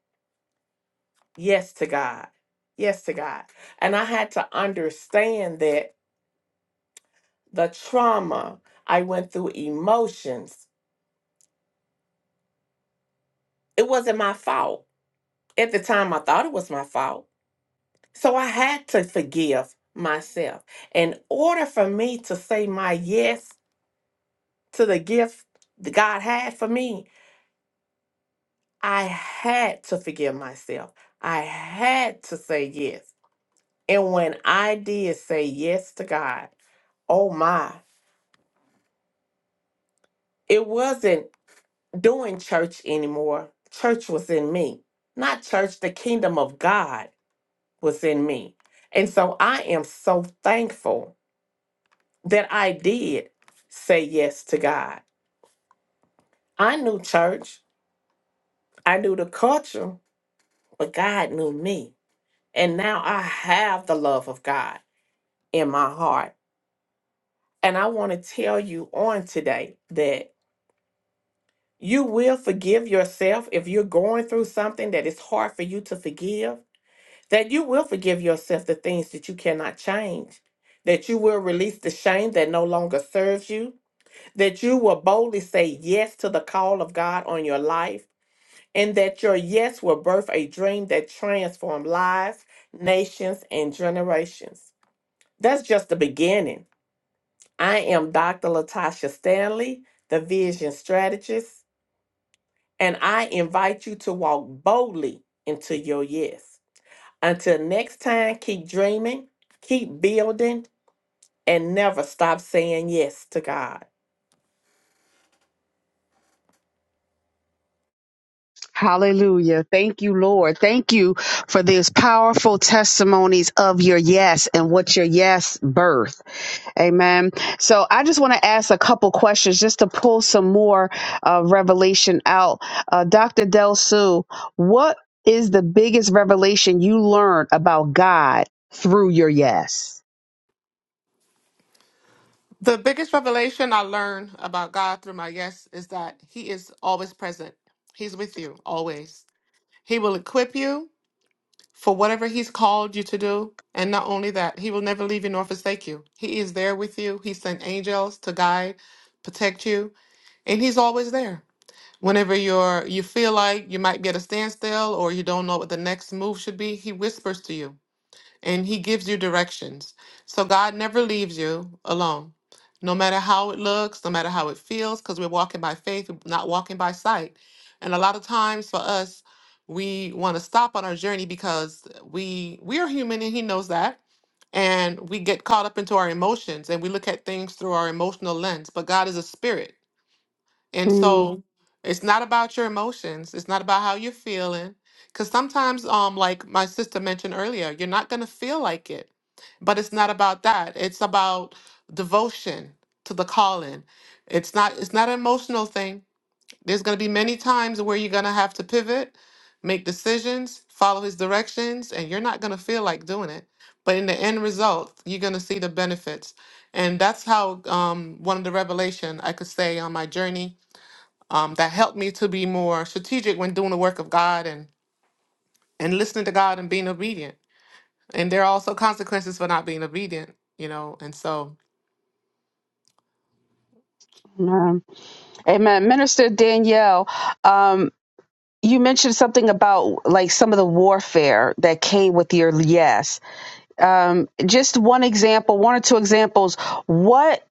S2: yes to God. Yes to God. And I had to understand that the trauma I went through, emotions, it wasn't my fault. At the time, I thought it was my fault. So I had to forgive myself. In order for me to say my yes to the gift that God had for me, I had to forgive myself. I had to say yes. And when I did say yes to God, oh my, it wasn't doing church anymore. Church was in me, not church, the kingdom of God was in me. And so I am so thankful that I did say yes to God. I knew church, I knew the culture, but God knew me. And now I have the love of God in my heart. And I want to tell you on today that. You will forgive yourself if you're going through something that is hard for you to forgive, that you will forgive yourself the things that you cannot change, that you will release the shame that no longer serves you, that you will boldly say yes to the call of God on your life, and that your yes will birth a dream that transforms lives, nations, and generations. That's just the beginning. I am Dr. Latasha Stanley, the vision strategist And I invite you to walk boldly into your yes. Until next time, keep dreaming, keep building, and never stop saying yes to God.
S5: Hallelujah. Thank you, Lord. Thank you for these powerful testimonies of your yes and what your yes birthed. Amen. So I just want to ask a couple questions just to pull some more uh, revelation out. Uh, Dr. Del Sue, what is the biggest revelation you learned about God through your yes?
S4: The biggest revelation I learned about God through my yes is that He is always present. He's with you always. He will equip you for whatever He's called you to do. And not only that, He will never leave you nor forsake you. He is there with you. He sent angels to guide, protect you, and He's always there. Whenever you're you feel like you might be at a standstill or you don't know what the next move should be, He whispers to you. and He gives you directions. So God never leaves you alone, no matter how it looks, no matter how it feels, because we're walking by faith, we're not walking by sight. And a lot of times for us, we want to stop on our journey because we we are human and He knows that. And we get caught up into our emotions and we look at things through our emotional lens. But God is a spirit. And
S5: Mm,
S4: so it's not about your emotions. It's not about how you're feeling. Cause sometimes, um, like my sister mentioned earlier, you're not gonna feel like it. But it's not about that. It's about devotion to the calling. It's not it's not an emotional thing. There's gonna be many times where you're gonna have to pivot, make decisions, follow his directions, and you're not gonna feel like doing it. But in the end result, you're gonna see the benefits. And that's how um, one of the revelation I could say on my journey um, that helped me to be more strategic when doing the work of God and and listening to God and being obedient. And there are also consequences for not being obedient, you know. And so,
S5: Amen. Amen. Minister Danielle, um, you mentioned something about like some of the warfare that came with your yes. Um, just one example, one or two examples. What?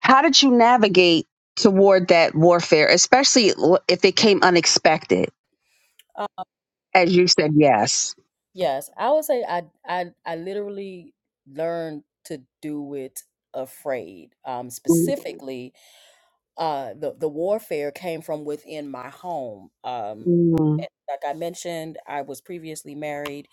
S5: How did you navigate toward that warfare, especially l- if it came unexpected, as you said yes?
S3: Yes, I would say I I I literally learned to do it afraid. Um, Mhm.
S5: Mm,
S3: specifically, uh the the warfare came from within my home um
S5: mm,
S3: a- like i mentioned i was previously married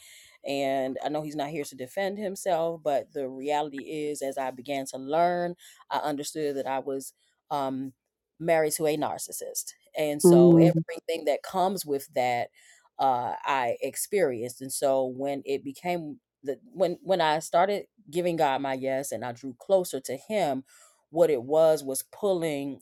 S3: and i know he's not here to defend himself but the reality is as i began to learn i understood that i was um married to a narcissist and so Mhm.
S5: mm,
S3: everything that comes with that uh i experienced and so when it became the when when i started giving god my yes and i drew closer to him what it was was pulling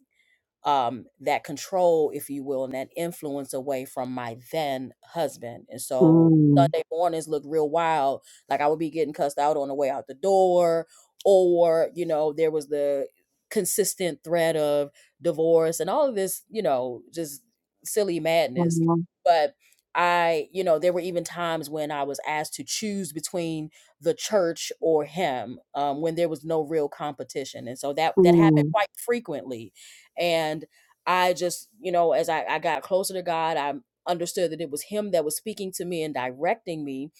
S3: um, that control, if you will, and that influence away from my then husband. And so
S5: mm,
S3: Sunday mornings look real wild. Like I would be getting cussed out on the way out the door, or, you know, there was the consistent threat of divorce and all of this, you know, just silly madness.
S5: mm,
S3: But I, you know, there were even times when I was asked to choose between the church or him um, when there was no real competition. And so that that happened
S5: mm.
S3: quite frequently and I just, you know, as I, I got closer to God, I understood that it was him that was speaking to me and directing me.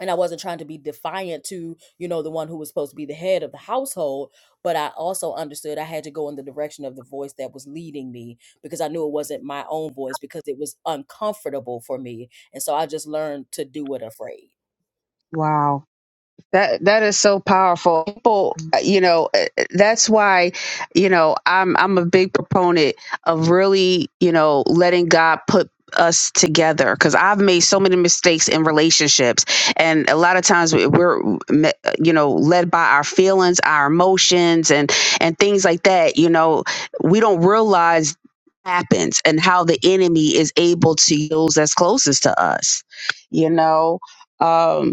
S3: And I wasn't trying to be defiant to, you know, the one who was supposed to be the head of the household. But I also understood I had to go in the direction of the voice that was leading me because I knew it wasn't my own voice because it was uncomfortable for me. And so I just learned to do it afraid.
S5: Wow. That that is so powerful. People, you know, eh, eh, that's why, you know, I'm I'm a big proponent of really, you know, letting God put us together because I've made so many mistakes in relationships, and a lot of times we- we're, you know, led by our feelings, our emotions, and and things like that. You know, we don't realize happens and how the enemy is able to use that's closest to us. You know. Um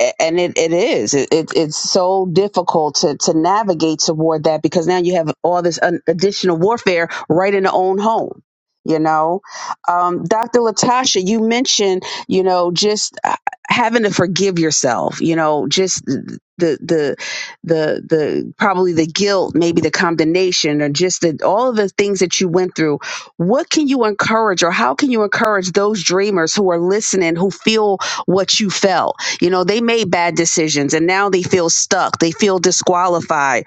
S5: a- and it, it is it, it, it's so difficult to, to navigate toward that because now you have all this un- additional warfare right in the own home you know um, dr latasha you mentioned you know just uh, having to forgive yourself you know just the the the the probably the guilt maybe the condemnation or just the, all of the things that you went through what can you encourage or how can you encourage those dreamers who are listening who feel what you felt you know, they made bad decisions and now they feel stuck. They feel disqualified,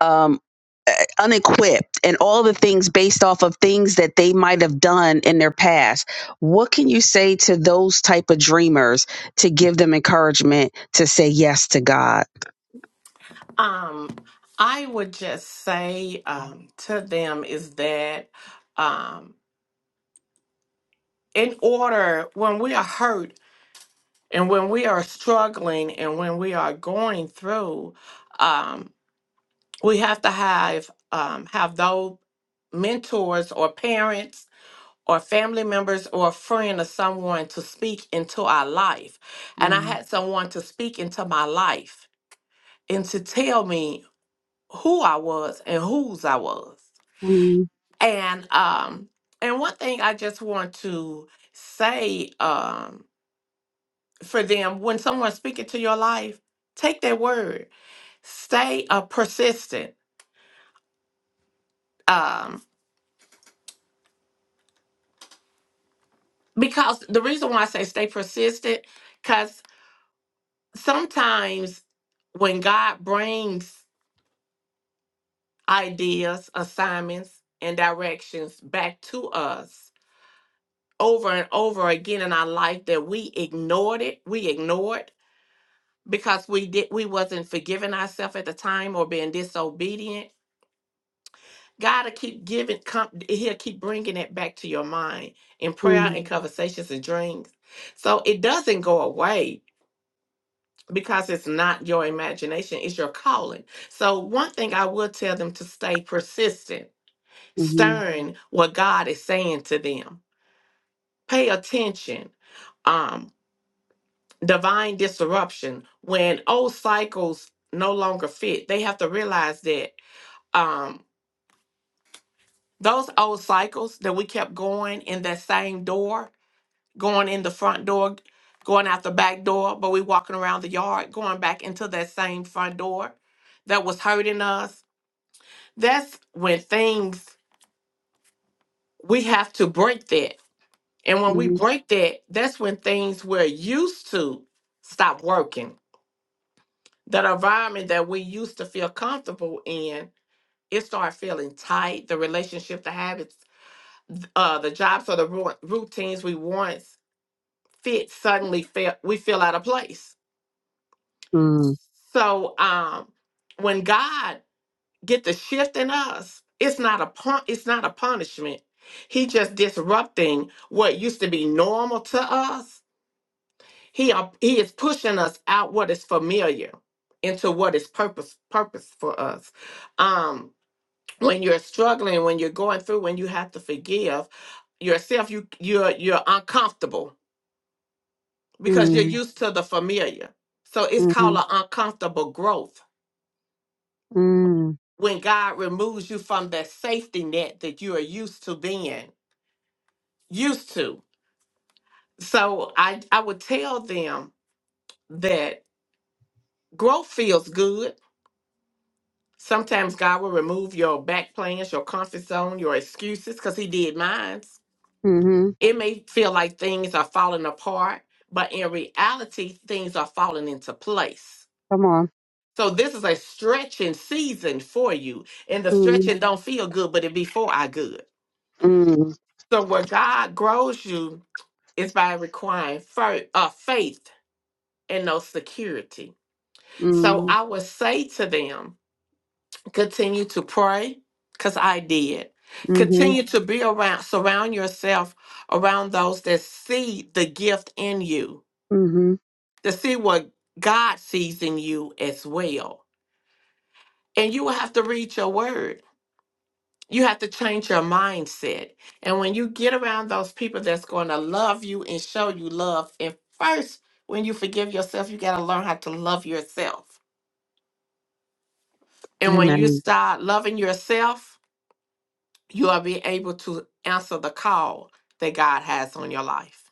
S5: um, unequipped, and all the things based off of things that they might have done in their past. What can you say to those type of dreamers to give them encouragement to say yes to God?
S2: Um, I would just say um, to them is that um, in order, when we are hurt and when we are struggling and when we are going through, um, we have to have um, have those mentors or parents or family members or a friend or someone to speak into our life. And I
S5: Mm,
S2: had someone to speak into my life and to tell me who I was and whose I was.
S5: mm,
S2: And um and one thing I just want to say um for them when someone's speaking to your life, take their word. Stay uh, persistent. Um because the reason why I say stay persistent cuz sometimes when God brings ideas, assignments, and directions back to us over and over again in our life that we ignored it, we ignored because we did we wasn't forgiving ourselves at the time or being disobedient. God will keep giving, come, he'll keep bringing it back to your mind in prayer
S5: mm,
S2: and conversations and dreams. So it doesn't go away because it's not your imagination, it's your calling. So one thing I would tell them to stay persistent
S5: mhm,
S2: Stern what God is saying to them. Pay attention. Um, divine disruption. When old cycles no longer fit, they have to realize that um, those old cycles that we kept going in that same door, going in the front door, going out the back door, but we walking around the yard, going back into that same front door that was hurting us. That's when things we have to break that And when we
S5: mhm,
S2: break that, that's when things we're used to stop working. That environment that we used to feel comfortable in, it starts feeling tight. The relationship, the habits, uh, the jobs or the ru- routines we once fit suddenly feel we feel out of place.
S5: mm,
S2: So um, when God get the shift in us, it's not a pun- it's not a punishment. He just disrupting what used to be normal to us He, are, he is pushing us out what is familiar into what is purpose purpose for us. Um, when you're struggling, when you're going through, when you have to forgive yourself, you you're you're uncomfortable because you're Mhm.
S5: mm,
S2: used to the familiar. So it's called
S5: mhm,
S2: an uncomfortable growth.
S5: mm,
S2: When God removes you from that safety net that you are used to being used to. So I I would tell them that growth feels good Sometimes God will remove your back plans, your comfort zone, your excuses, because He did mine.
S5: mhm.
S2: It may feel like things are falling apart, but in reality, things are falling into place.
S5: Come on.
S2: So this is a stretching season for you, and the
S5: Mm,
S2: stretching don't feel good, but it be for our good.
S5: mm,
S2: So where God grows you is by requiring fir- uh, faith and no security. So
S5: mm,
S2: I would say to them, Continue to pray, because I did.
S5: mhm,
S2: Continue to be around, surround yourself around those that see the gift in you,
S5: mhm.
S2: to see what God sees in you as well. And you will have to read your word. You have to change your mindset. And when you get around those people that's going to love you and show you love, and first, when you forgive yourself, you got to learn how to love yourself. And when
S5: Amen.
S2: you start loving yourself, you will be able to answer the call that God has on your life.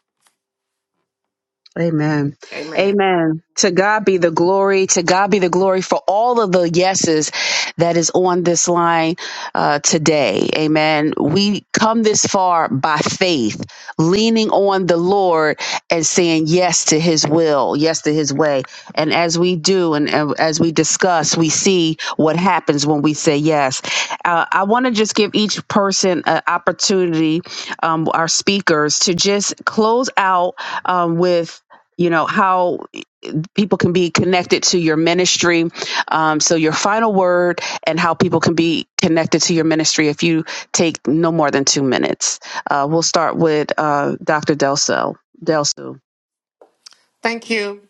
S5: Amen.
S2: Amen.
S5: Amen. To God be the glory. To God be the glory for all of the yeses that is on this line uh, today. Amen. We come this far by faith, leaning on the Lord and saying yes to his will, yes to his way. And as we do and uh, as we discuss, we see what happens when we say yes. Uh, I want to just give each person an opportunity, um, our speakers, to just close out um, with you know how people can be connected to your ministry um, so your final word and how people can be connected to your ministry if you take no more than two minutes uh, we'll start with uh, dr delso delso
S4: thank you.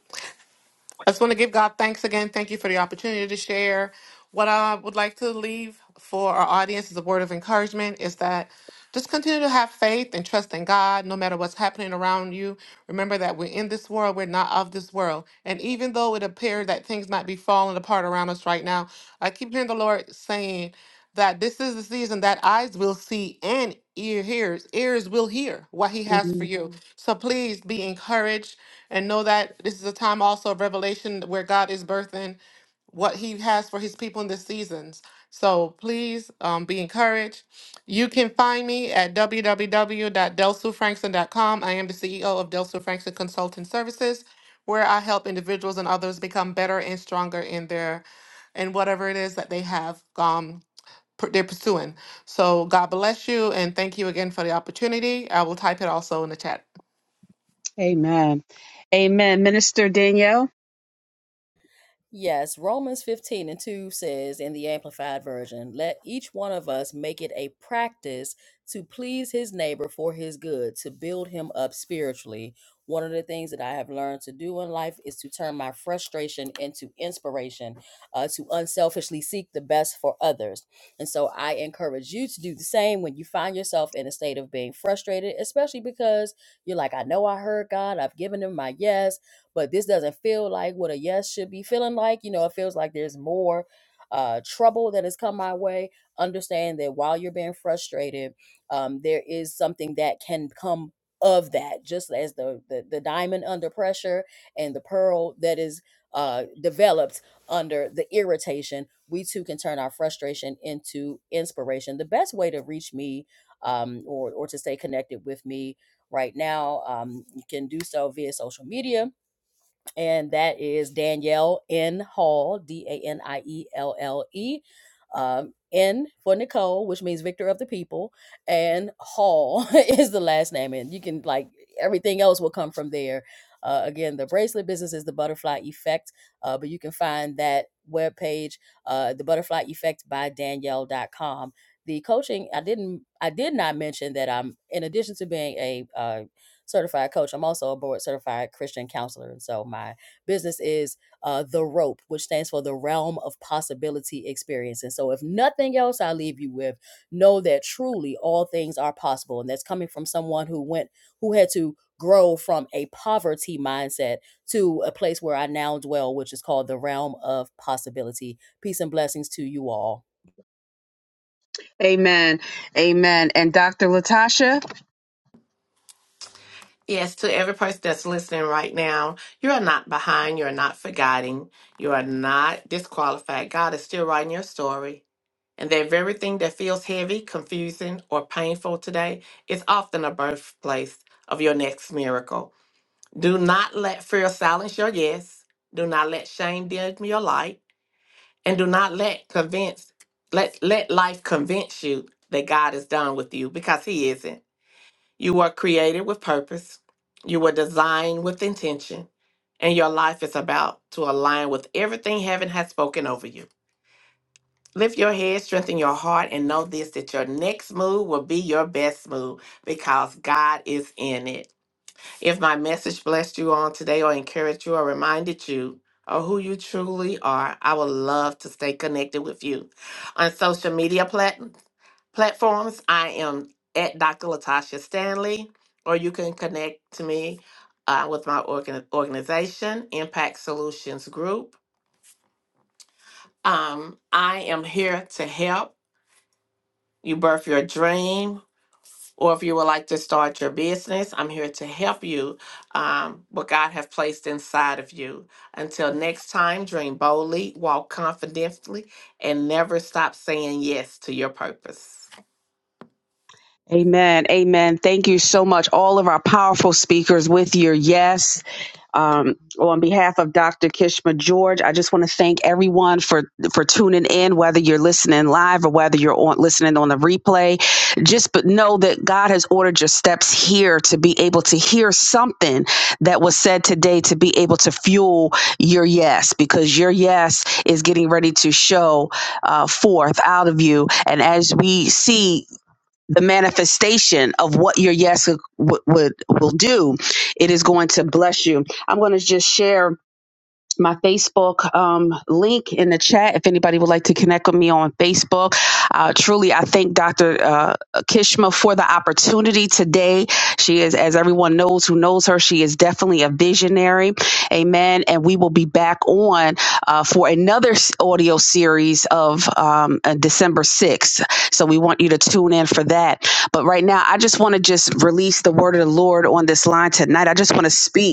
S4: I just want to give God thanks again. Thank you for the opportunity to share. What I would like to leave for our audience as a word of encouragement is that just continue to have faith and trust in God no matter what's happening around you. Remember that we're in this world, we're not of this world. And even though it appears that things might be falling apart around us right now, I keep hearing the Lord saying, that this is the season that eyes will see and ear hears ears will hear what he has for
S5: Mhm.
S4: you Mhm. so please be encouraged and know that this is a time also of revelation where god is birthing what he has for his people in the seasons so please um, be encouraged you can find me at www.delsufrankson.com i am the ceo of delsu frankson consulting services where i help individuals and others become better and stronger in their in whatever it is that they have um, pur- they're pursuing. So God bless you and thank you again for the opportunity. I will type it also in the chat.
S5: amen amen minister danielle
S3: Yes, Romans 15 and 2 says in the Amplified Version, let each one of us make it a practice to please his neighbor for his good, to build him up spiritually. One of the things that I have learned to do in life is to turn my frustration into inspiration, uh, to unselfishly seek the best for others. And so I encourage you to do the same when you find yourself in a state of being frustrated, especially because you're like, I know I heard God, I've given him my yes but this doesn't feel like what a yes should be feeling like. You know, it feels like there's more uh, trouble that has come my way. Understand that while you're being frustrated, um, there is something that can come of that, just as the, the the diamond under pressure and the pearl that is uh, developed under the irritation. We too can turn our frustration into inspiration. The best way to reach me um, or or to stay connected with me right now, um, you can do so via social media and that is Danielle N. Hall, D A N I E L L E. Um, N for Nicole, which means victor of the people, and Hall *laughs* is the last name. And you can, like, everything else will come from there. Uh, again, the bracelet business is the butterfly effect, uh, but you can find that webpage, uh, the butterfly effect by Danielle dot com. The coaching, I didn't, I did not mention that I'm, in addition to being a, uh, certified coach. I'm also a board certified Christian counselor. And so my business is uh, The Rope, which stands for the realm of possibility experience. And so, if nothing else, I leave you with know that truly all things are possible. And that's coming from someone who went, who had to grow from a poverty mindset to a place where I now dwell, which is called the realm of possibility. Peace and blessings to you all.
S5: amen amen and dr latasha
S2: Yes, to every person that's listening right now, you are not behind, you are not forgotten, you are not disqualified. God is still writing your story. And that very thing that feels heavy, confusing, or painful today is often a birthplace of your next miracle. Do not let fear silence your yes. Do not let shame dim your light. and do not let convince let let life convince you that God is done with you because he isn't. You were created with purpose. You were designed with intention, and your life is about to align with everything heaven has spoken over you. Lift your head, strengthen your heart, and know this that your next move will be your best move because God is in it. If my message blessed you on today or encouraged you or reminded you of who you truly are, I would love to stay connected with you. On social media plat- platforms, I am at Dr. Latasha Stanley, or you can connect to me uh, with my organ- organization, Impact Solutions Group. Um, I am here to help you birth your dream, or if you would like to start your business, I'm here to help you um, what God have placed inside of you. Until next time, dream boldly, walk confidently, and never stop saying yes to your purpose.
S5: Amen. Amen. Thank you so much. All of our powerful speakers with your yes. Um, on behalf of Dr. Kishma George, I just want to thank everyone for for tuning in, whether you're listening live or whether you're on listening on the replay. Just but know that God has ordered your steps here to be able to hear something that was said today to be able to fuel your yes, because your yes is getting ready to show uh, forth out of you. And as we see the manifestation of what your yes would, would will do it is going to bless you i'm going to just share my Facebook um, link in the chat if anybody would like to connect with me on Facebook. Uh, truly, I thank Dr. Uh, Kishma for the opportunity today. She is, as everyone knows who knows her, she is definitely a visionary. Amen. And we will be back on uh, for another s- audio series of um, uh, December 6th. So we want you to tune in for that. But right now, I just want to just release the word of the Lord on this line tonight. I just want to speak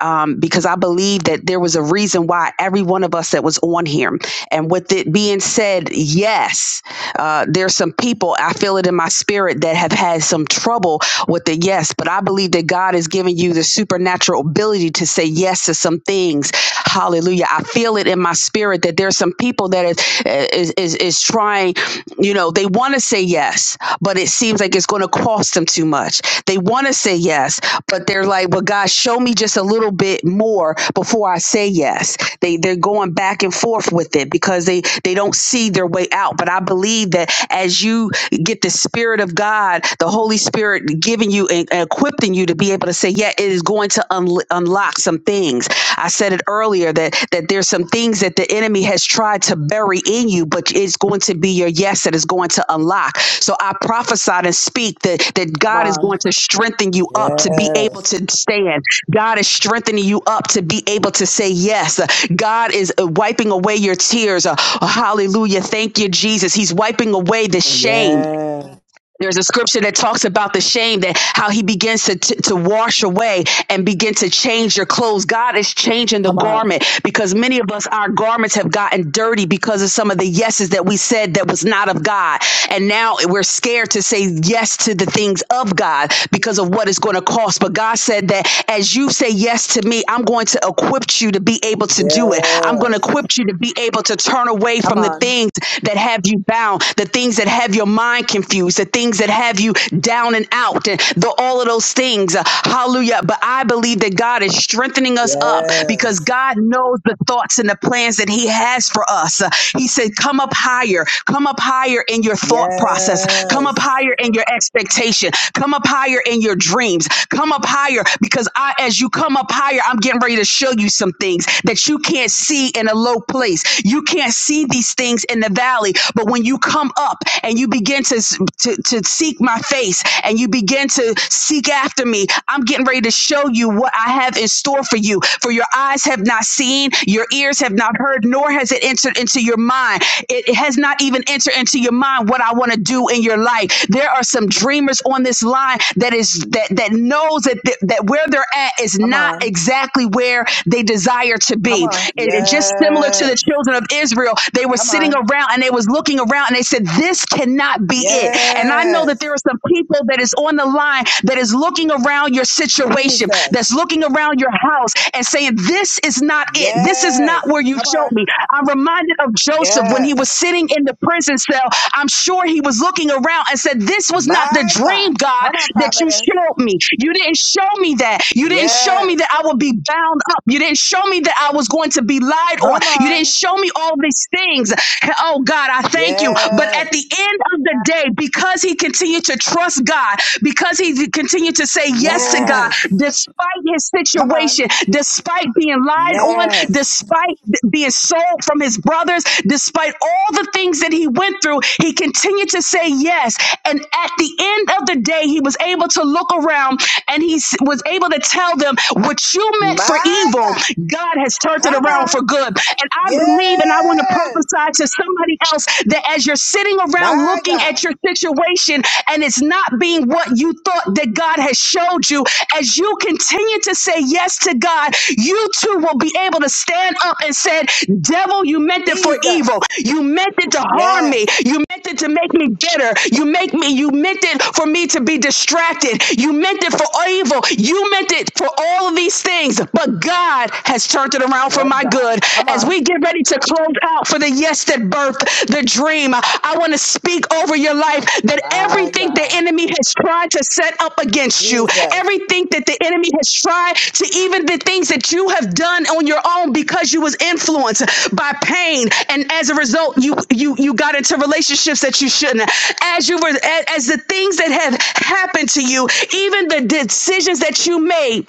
S5: um, because I believe that there was a reason why every one of us that was on here. And with it being said, yes, uh, there's some people, I feel it in my spirit, that have had some trouble with the yes, but I believe that God is giving you the supernatural ability to say yes to some things. Hallelujah. I feel it in my spirit that there's some people that is, is, is, is trying, you know, they want to say yes, but it seems like it's going to cost them too much. They want to say yes, but they're like, well, God, show me me just a little bit more before I say yes. They they're going back and forth with it because they they don't see their way out. But I believe that as you get the spirit of God, the Holy Spirit giving you and equipping you to be able to say, yeah, it is going to unl unlock some things. I said it earlier that that there's some things that the enemy has tried to bury in you, but it's going to be your yes that is going to unlock. So I prophesied and speak that that
S1: Come
S5: God is
S1: on.
S5: going to strengthen you up to be able
S1: Yes.
S5: to stand God is strengthening you up to be able to say yes. God is uh, wiping away your tears. Uh, Hallelujah. Thank you, Jesus. He's wiping away the shame.
S1: Yes.
S5: There's a scripture that talks about the shame that how he begins to, to, to wash away and begin to change your clothes. God is changing the
S1: Come on.
S5: garment because many of us, our garments have gotten dirty because of some of the yeses that we said that was not of God. And now we're scared to say yes to the things of God because of what it's going to cost. But God said that as you say yes to me, I'm going to equip you to be able to do it. I'm going to
S1: Yes.
S5: equip you to be able to turn away
S1: Come
S5: from the
S1: on.
S5: things that have you bound down, the things that have your mind confused, the things that have you down and out, and the, all of those things. Uh, Hallelujah. But I believe that God is strengthening us up because
S1: Yes.
S5: God knows the thoughts and the plans that He has for us. Uh, He said, Come up higher, come up higher in your thought process, come up
S1: Yes.
S5: higher in your expectation, come up higher in your dreams, come up higher because I, as you come up higher, I'm getting ready to show you some things that you can't see in a low place. You can't and see these things in the valley. But when you come up and you begin to, to, to seek my face and you begin to seek after me, I'm getting ready to show you what I have in store for you. For your eyes have not seen, your ears have not heard, nor has it entered into your mind. it has not even entered into your mind what I want to do in your life. There are some dreamers on this line that is that that knows that that where they're at is
S1: Come
S5: not
S1: on.
S5: exactly where they desire to
S1: Come
S5: be
S1: on.
S5: and, and just similar to the
S1: Yes.
S5: children of Israel, they were
S1: Come
S5: sitting
S1: on.
S5: around and they was looking around and they said, "This cannot be it." And I know that there
S1: Yes.
S5: are some people that is on the line that is looking around your situation, that's
S1: Jesus.
S5: looking around your house and saying, "This is not it. This is not
S1: Yes.
S5: where you
S1: Come
S5: showed
S1: on.
S5: me." I'm reminded of Joseph when he was
S1: Yes.
S5: sitting in the prison cell. I'm sure he was looking around and said, "This was not the
S1: My
S5: dream,
S1: God.
S5: God,
S1: Come on,
S5: that you
S1: prophetess.
S5: showed me. You didn't show me that. You didn't show me
S1: Yes.
S5: that I would be bound up. You didn't show me." me that I was going to be lied on.
S1: Come
S5: You didn't
S1: on.
S5: show me all these things. Oh God, I thank you. But at
S1: Yes.
S5: the end of the day, because he continued to trust God, because he continued to say yes to God,
S1: Yes.
S5: despite his
S1: Come on.
S5: situation, despite being lied on,
S1: Yes.
S5: despite being sold from his brothers, despite all the things that he went through, he continued to say yes. And at the end of the day, he was able to look around and he was able to tell them what you meant for evil
S1: My
S5: evil,
S1: God.
S5: God has turned
S1: Come
S5: it around
S1: on.
S5: for good. And I believe and I want to
S1: Yes.
S5: prophesy to somebody else that as you're sitting around
S1: My
S5: looking at
S1: God.
S5: your situation and it's not being what you thought that God has showed you, as you continue to say yes to God, you too will be able to stand up and say, Devil, you meant it for evil.
S1: Jesus.
S5: You meant it to harm
S1: Yes.
S5: me. You meant it to make me bitter. You make me, you meant it for me to be distracted. You meant it for evil. You meant it for all of these these things, but God has turned it around for
S1: But
S5: my
S1: God.
S5: good.
S1: Come
S5: As
S1: on.
S5: we get ready to close out for the yes that birthed the dream, I want to speak over your life that
S1: My
S5: everything the
S1: God.
S5: enemy has tried to set up against you,
S1: Jesus.
S5: everything that the enemy has tried to even the things that you have done on your own because you was influenced by pain, and as a result, you you you got into relationships that you shouldn't. As you were as as the things that have happened to you, even the decisions that you made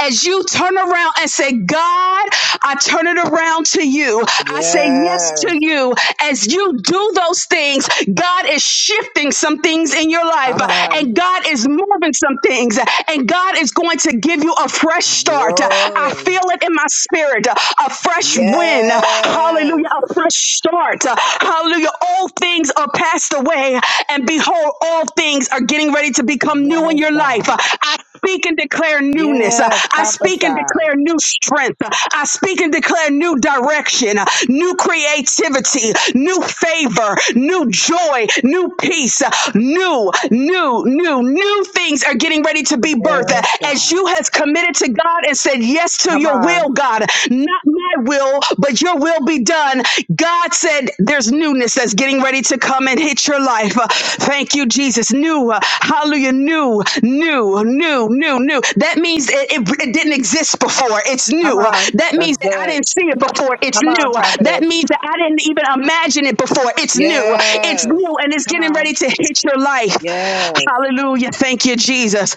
S5: as you turn around and say, God, I turn it around to you. I say yes to
S1: Yes.
S5: you. As you do those things, God is shifting some things in your life
S1: Come
S5: and
S1: on.
S5: God is moving some things and God is going to give you a fresh start. I
S1: Glory.
S5: feel it in my spirit, a fresh wind.
S1: Yes.
S5: Hallelujah. A fresh start. Hallelujah. All things are passed away and behold, all things are getting ready to become new in
S1: Yes,
S5: your life.
S1: God.
S5: I speak and declare newness. Uh,
S1: Yes.
S5: I speak and
S1: Prophesy.
S5: declare new strength. Uh, I speak and declare new direction, uh, new creativity, new favor, new joy, new peace, uh, new, new, new, new things are getting ready to be birthed. Uh,
S1: Yes,
S5: As
S1: God.
S5: you has committed to God and said yes to
S1: Come
S5: your will,
S1: on.
S5: God, not my will, but your will be done. God, God said there's newness that's getting ready to come and hit your life. Uh, thank you, Jesus. New, uh, hallelujah, new, new, new, new, new. That means it, it, it didn't exist before. It's
S1: Come
S5: new. Uh,
S1: on.
S5: That means
S1: That's
S5: that I
S1: good.
S5: didn't see it before. It's
S1: Come
S5: new.
S1: on,
S5: Uh, That
S1: prophetess.
S5: means that I didn't even imagine it before. It's new. Uh, It's
S1: Yes.
S5: new and it's
S1: Come
S5: getting ready
S1: on.
S5: to hit your life.
S1: Yes.
S5: Hallelujah. Thank you, Jesus.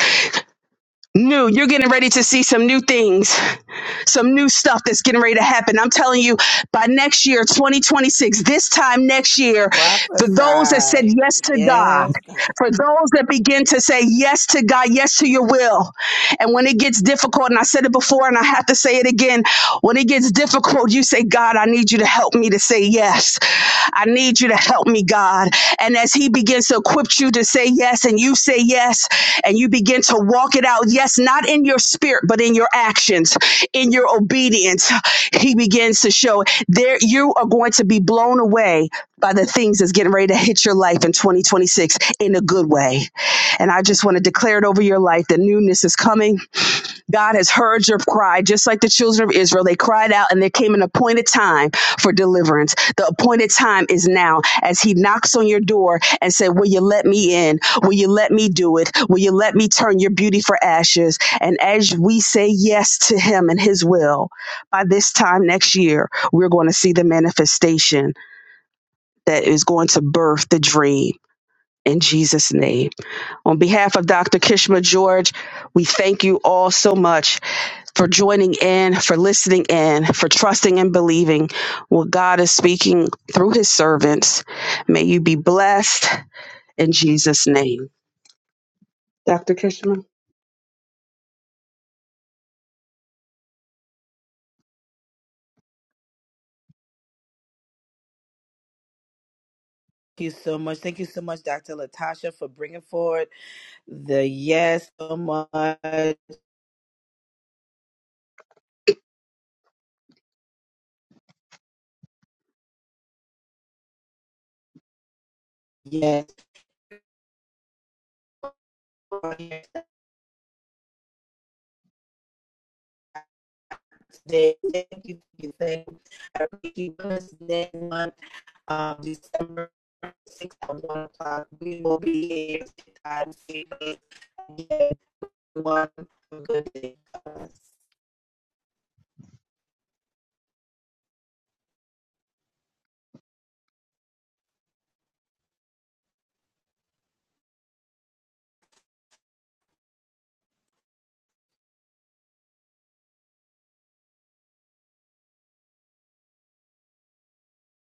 S5: New. You're getting ready to see some new things some new stuff that's getting ready to happen. I'm telling you, by next year, 2026, this time next year, for those that said
S1: Prophesy.
S5: yes to God,
S1: Yes. God. Thank
S5: for those that begin to say yes to God, yes to your will, and when it gets difficult, and I said it before and I have to say it again, when it gets difficult, you say, God, I need you to help me to say yes. I need you to help me, God. And as He begins to equip you to say yes, and you say yes, and you begin to walk it out, yes, not in your spirit, but in your actions, in your obedience, He begins to show there you are going to be blown away by the things that's getting ready to hit your life in 2026 in a good way. And I just want to declare it over your life. The newness is coming God has heard your cry, just like the children of Israel. They cried out, and there came an appointed time for deliverance. The appointed time is now. As He knocks on your door and said, "Will you let me in? Will you let me do it? Will you let me turn your beauty for ashes?" And as we say yes to Him and His will, by this time next year, we're going to see the manifestation that is going to birth the dream. In Jesus' name. On behalf of Dr. Kishma George, we thank you all so much for joining in, for listening in, for trusting and believing what God is speaking through his servants. May you be blessed in Jesus' name. Dr. Kishman.
S1: you so much. Thank you so much, Dr. Latasha, for bringing forward. The yes so much. Yes. for your Today. Thank you. Thank you. Thank you. I appreciate you this day month, um, December 6th at 1 o'clock. We will be here. Time to see you again. One good day.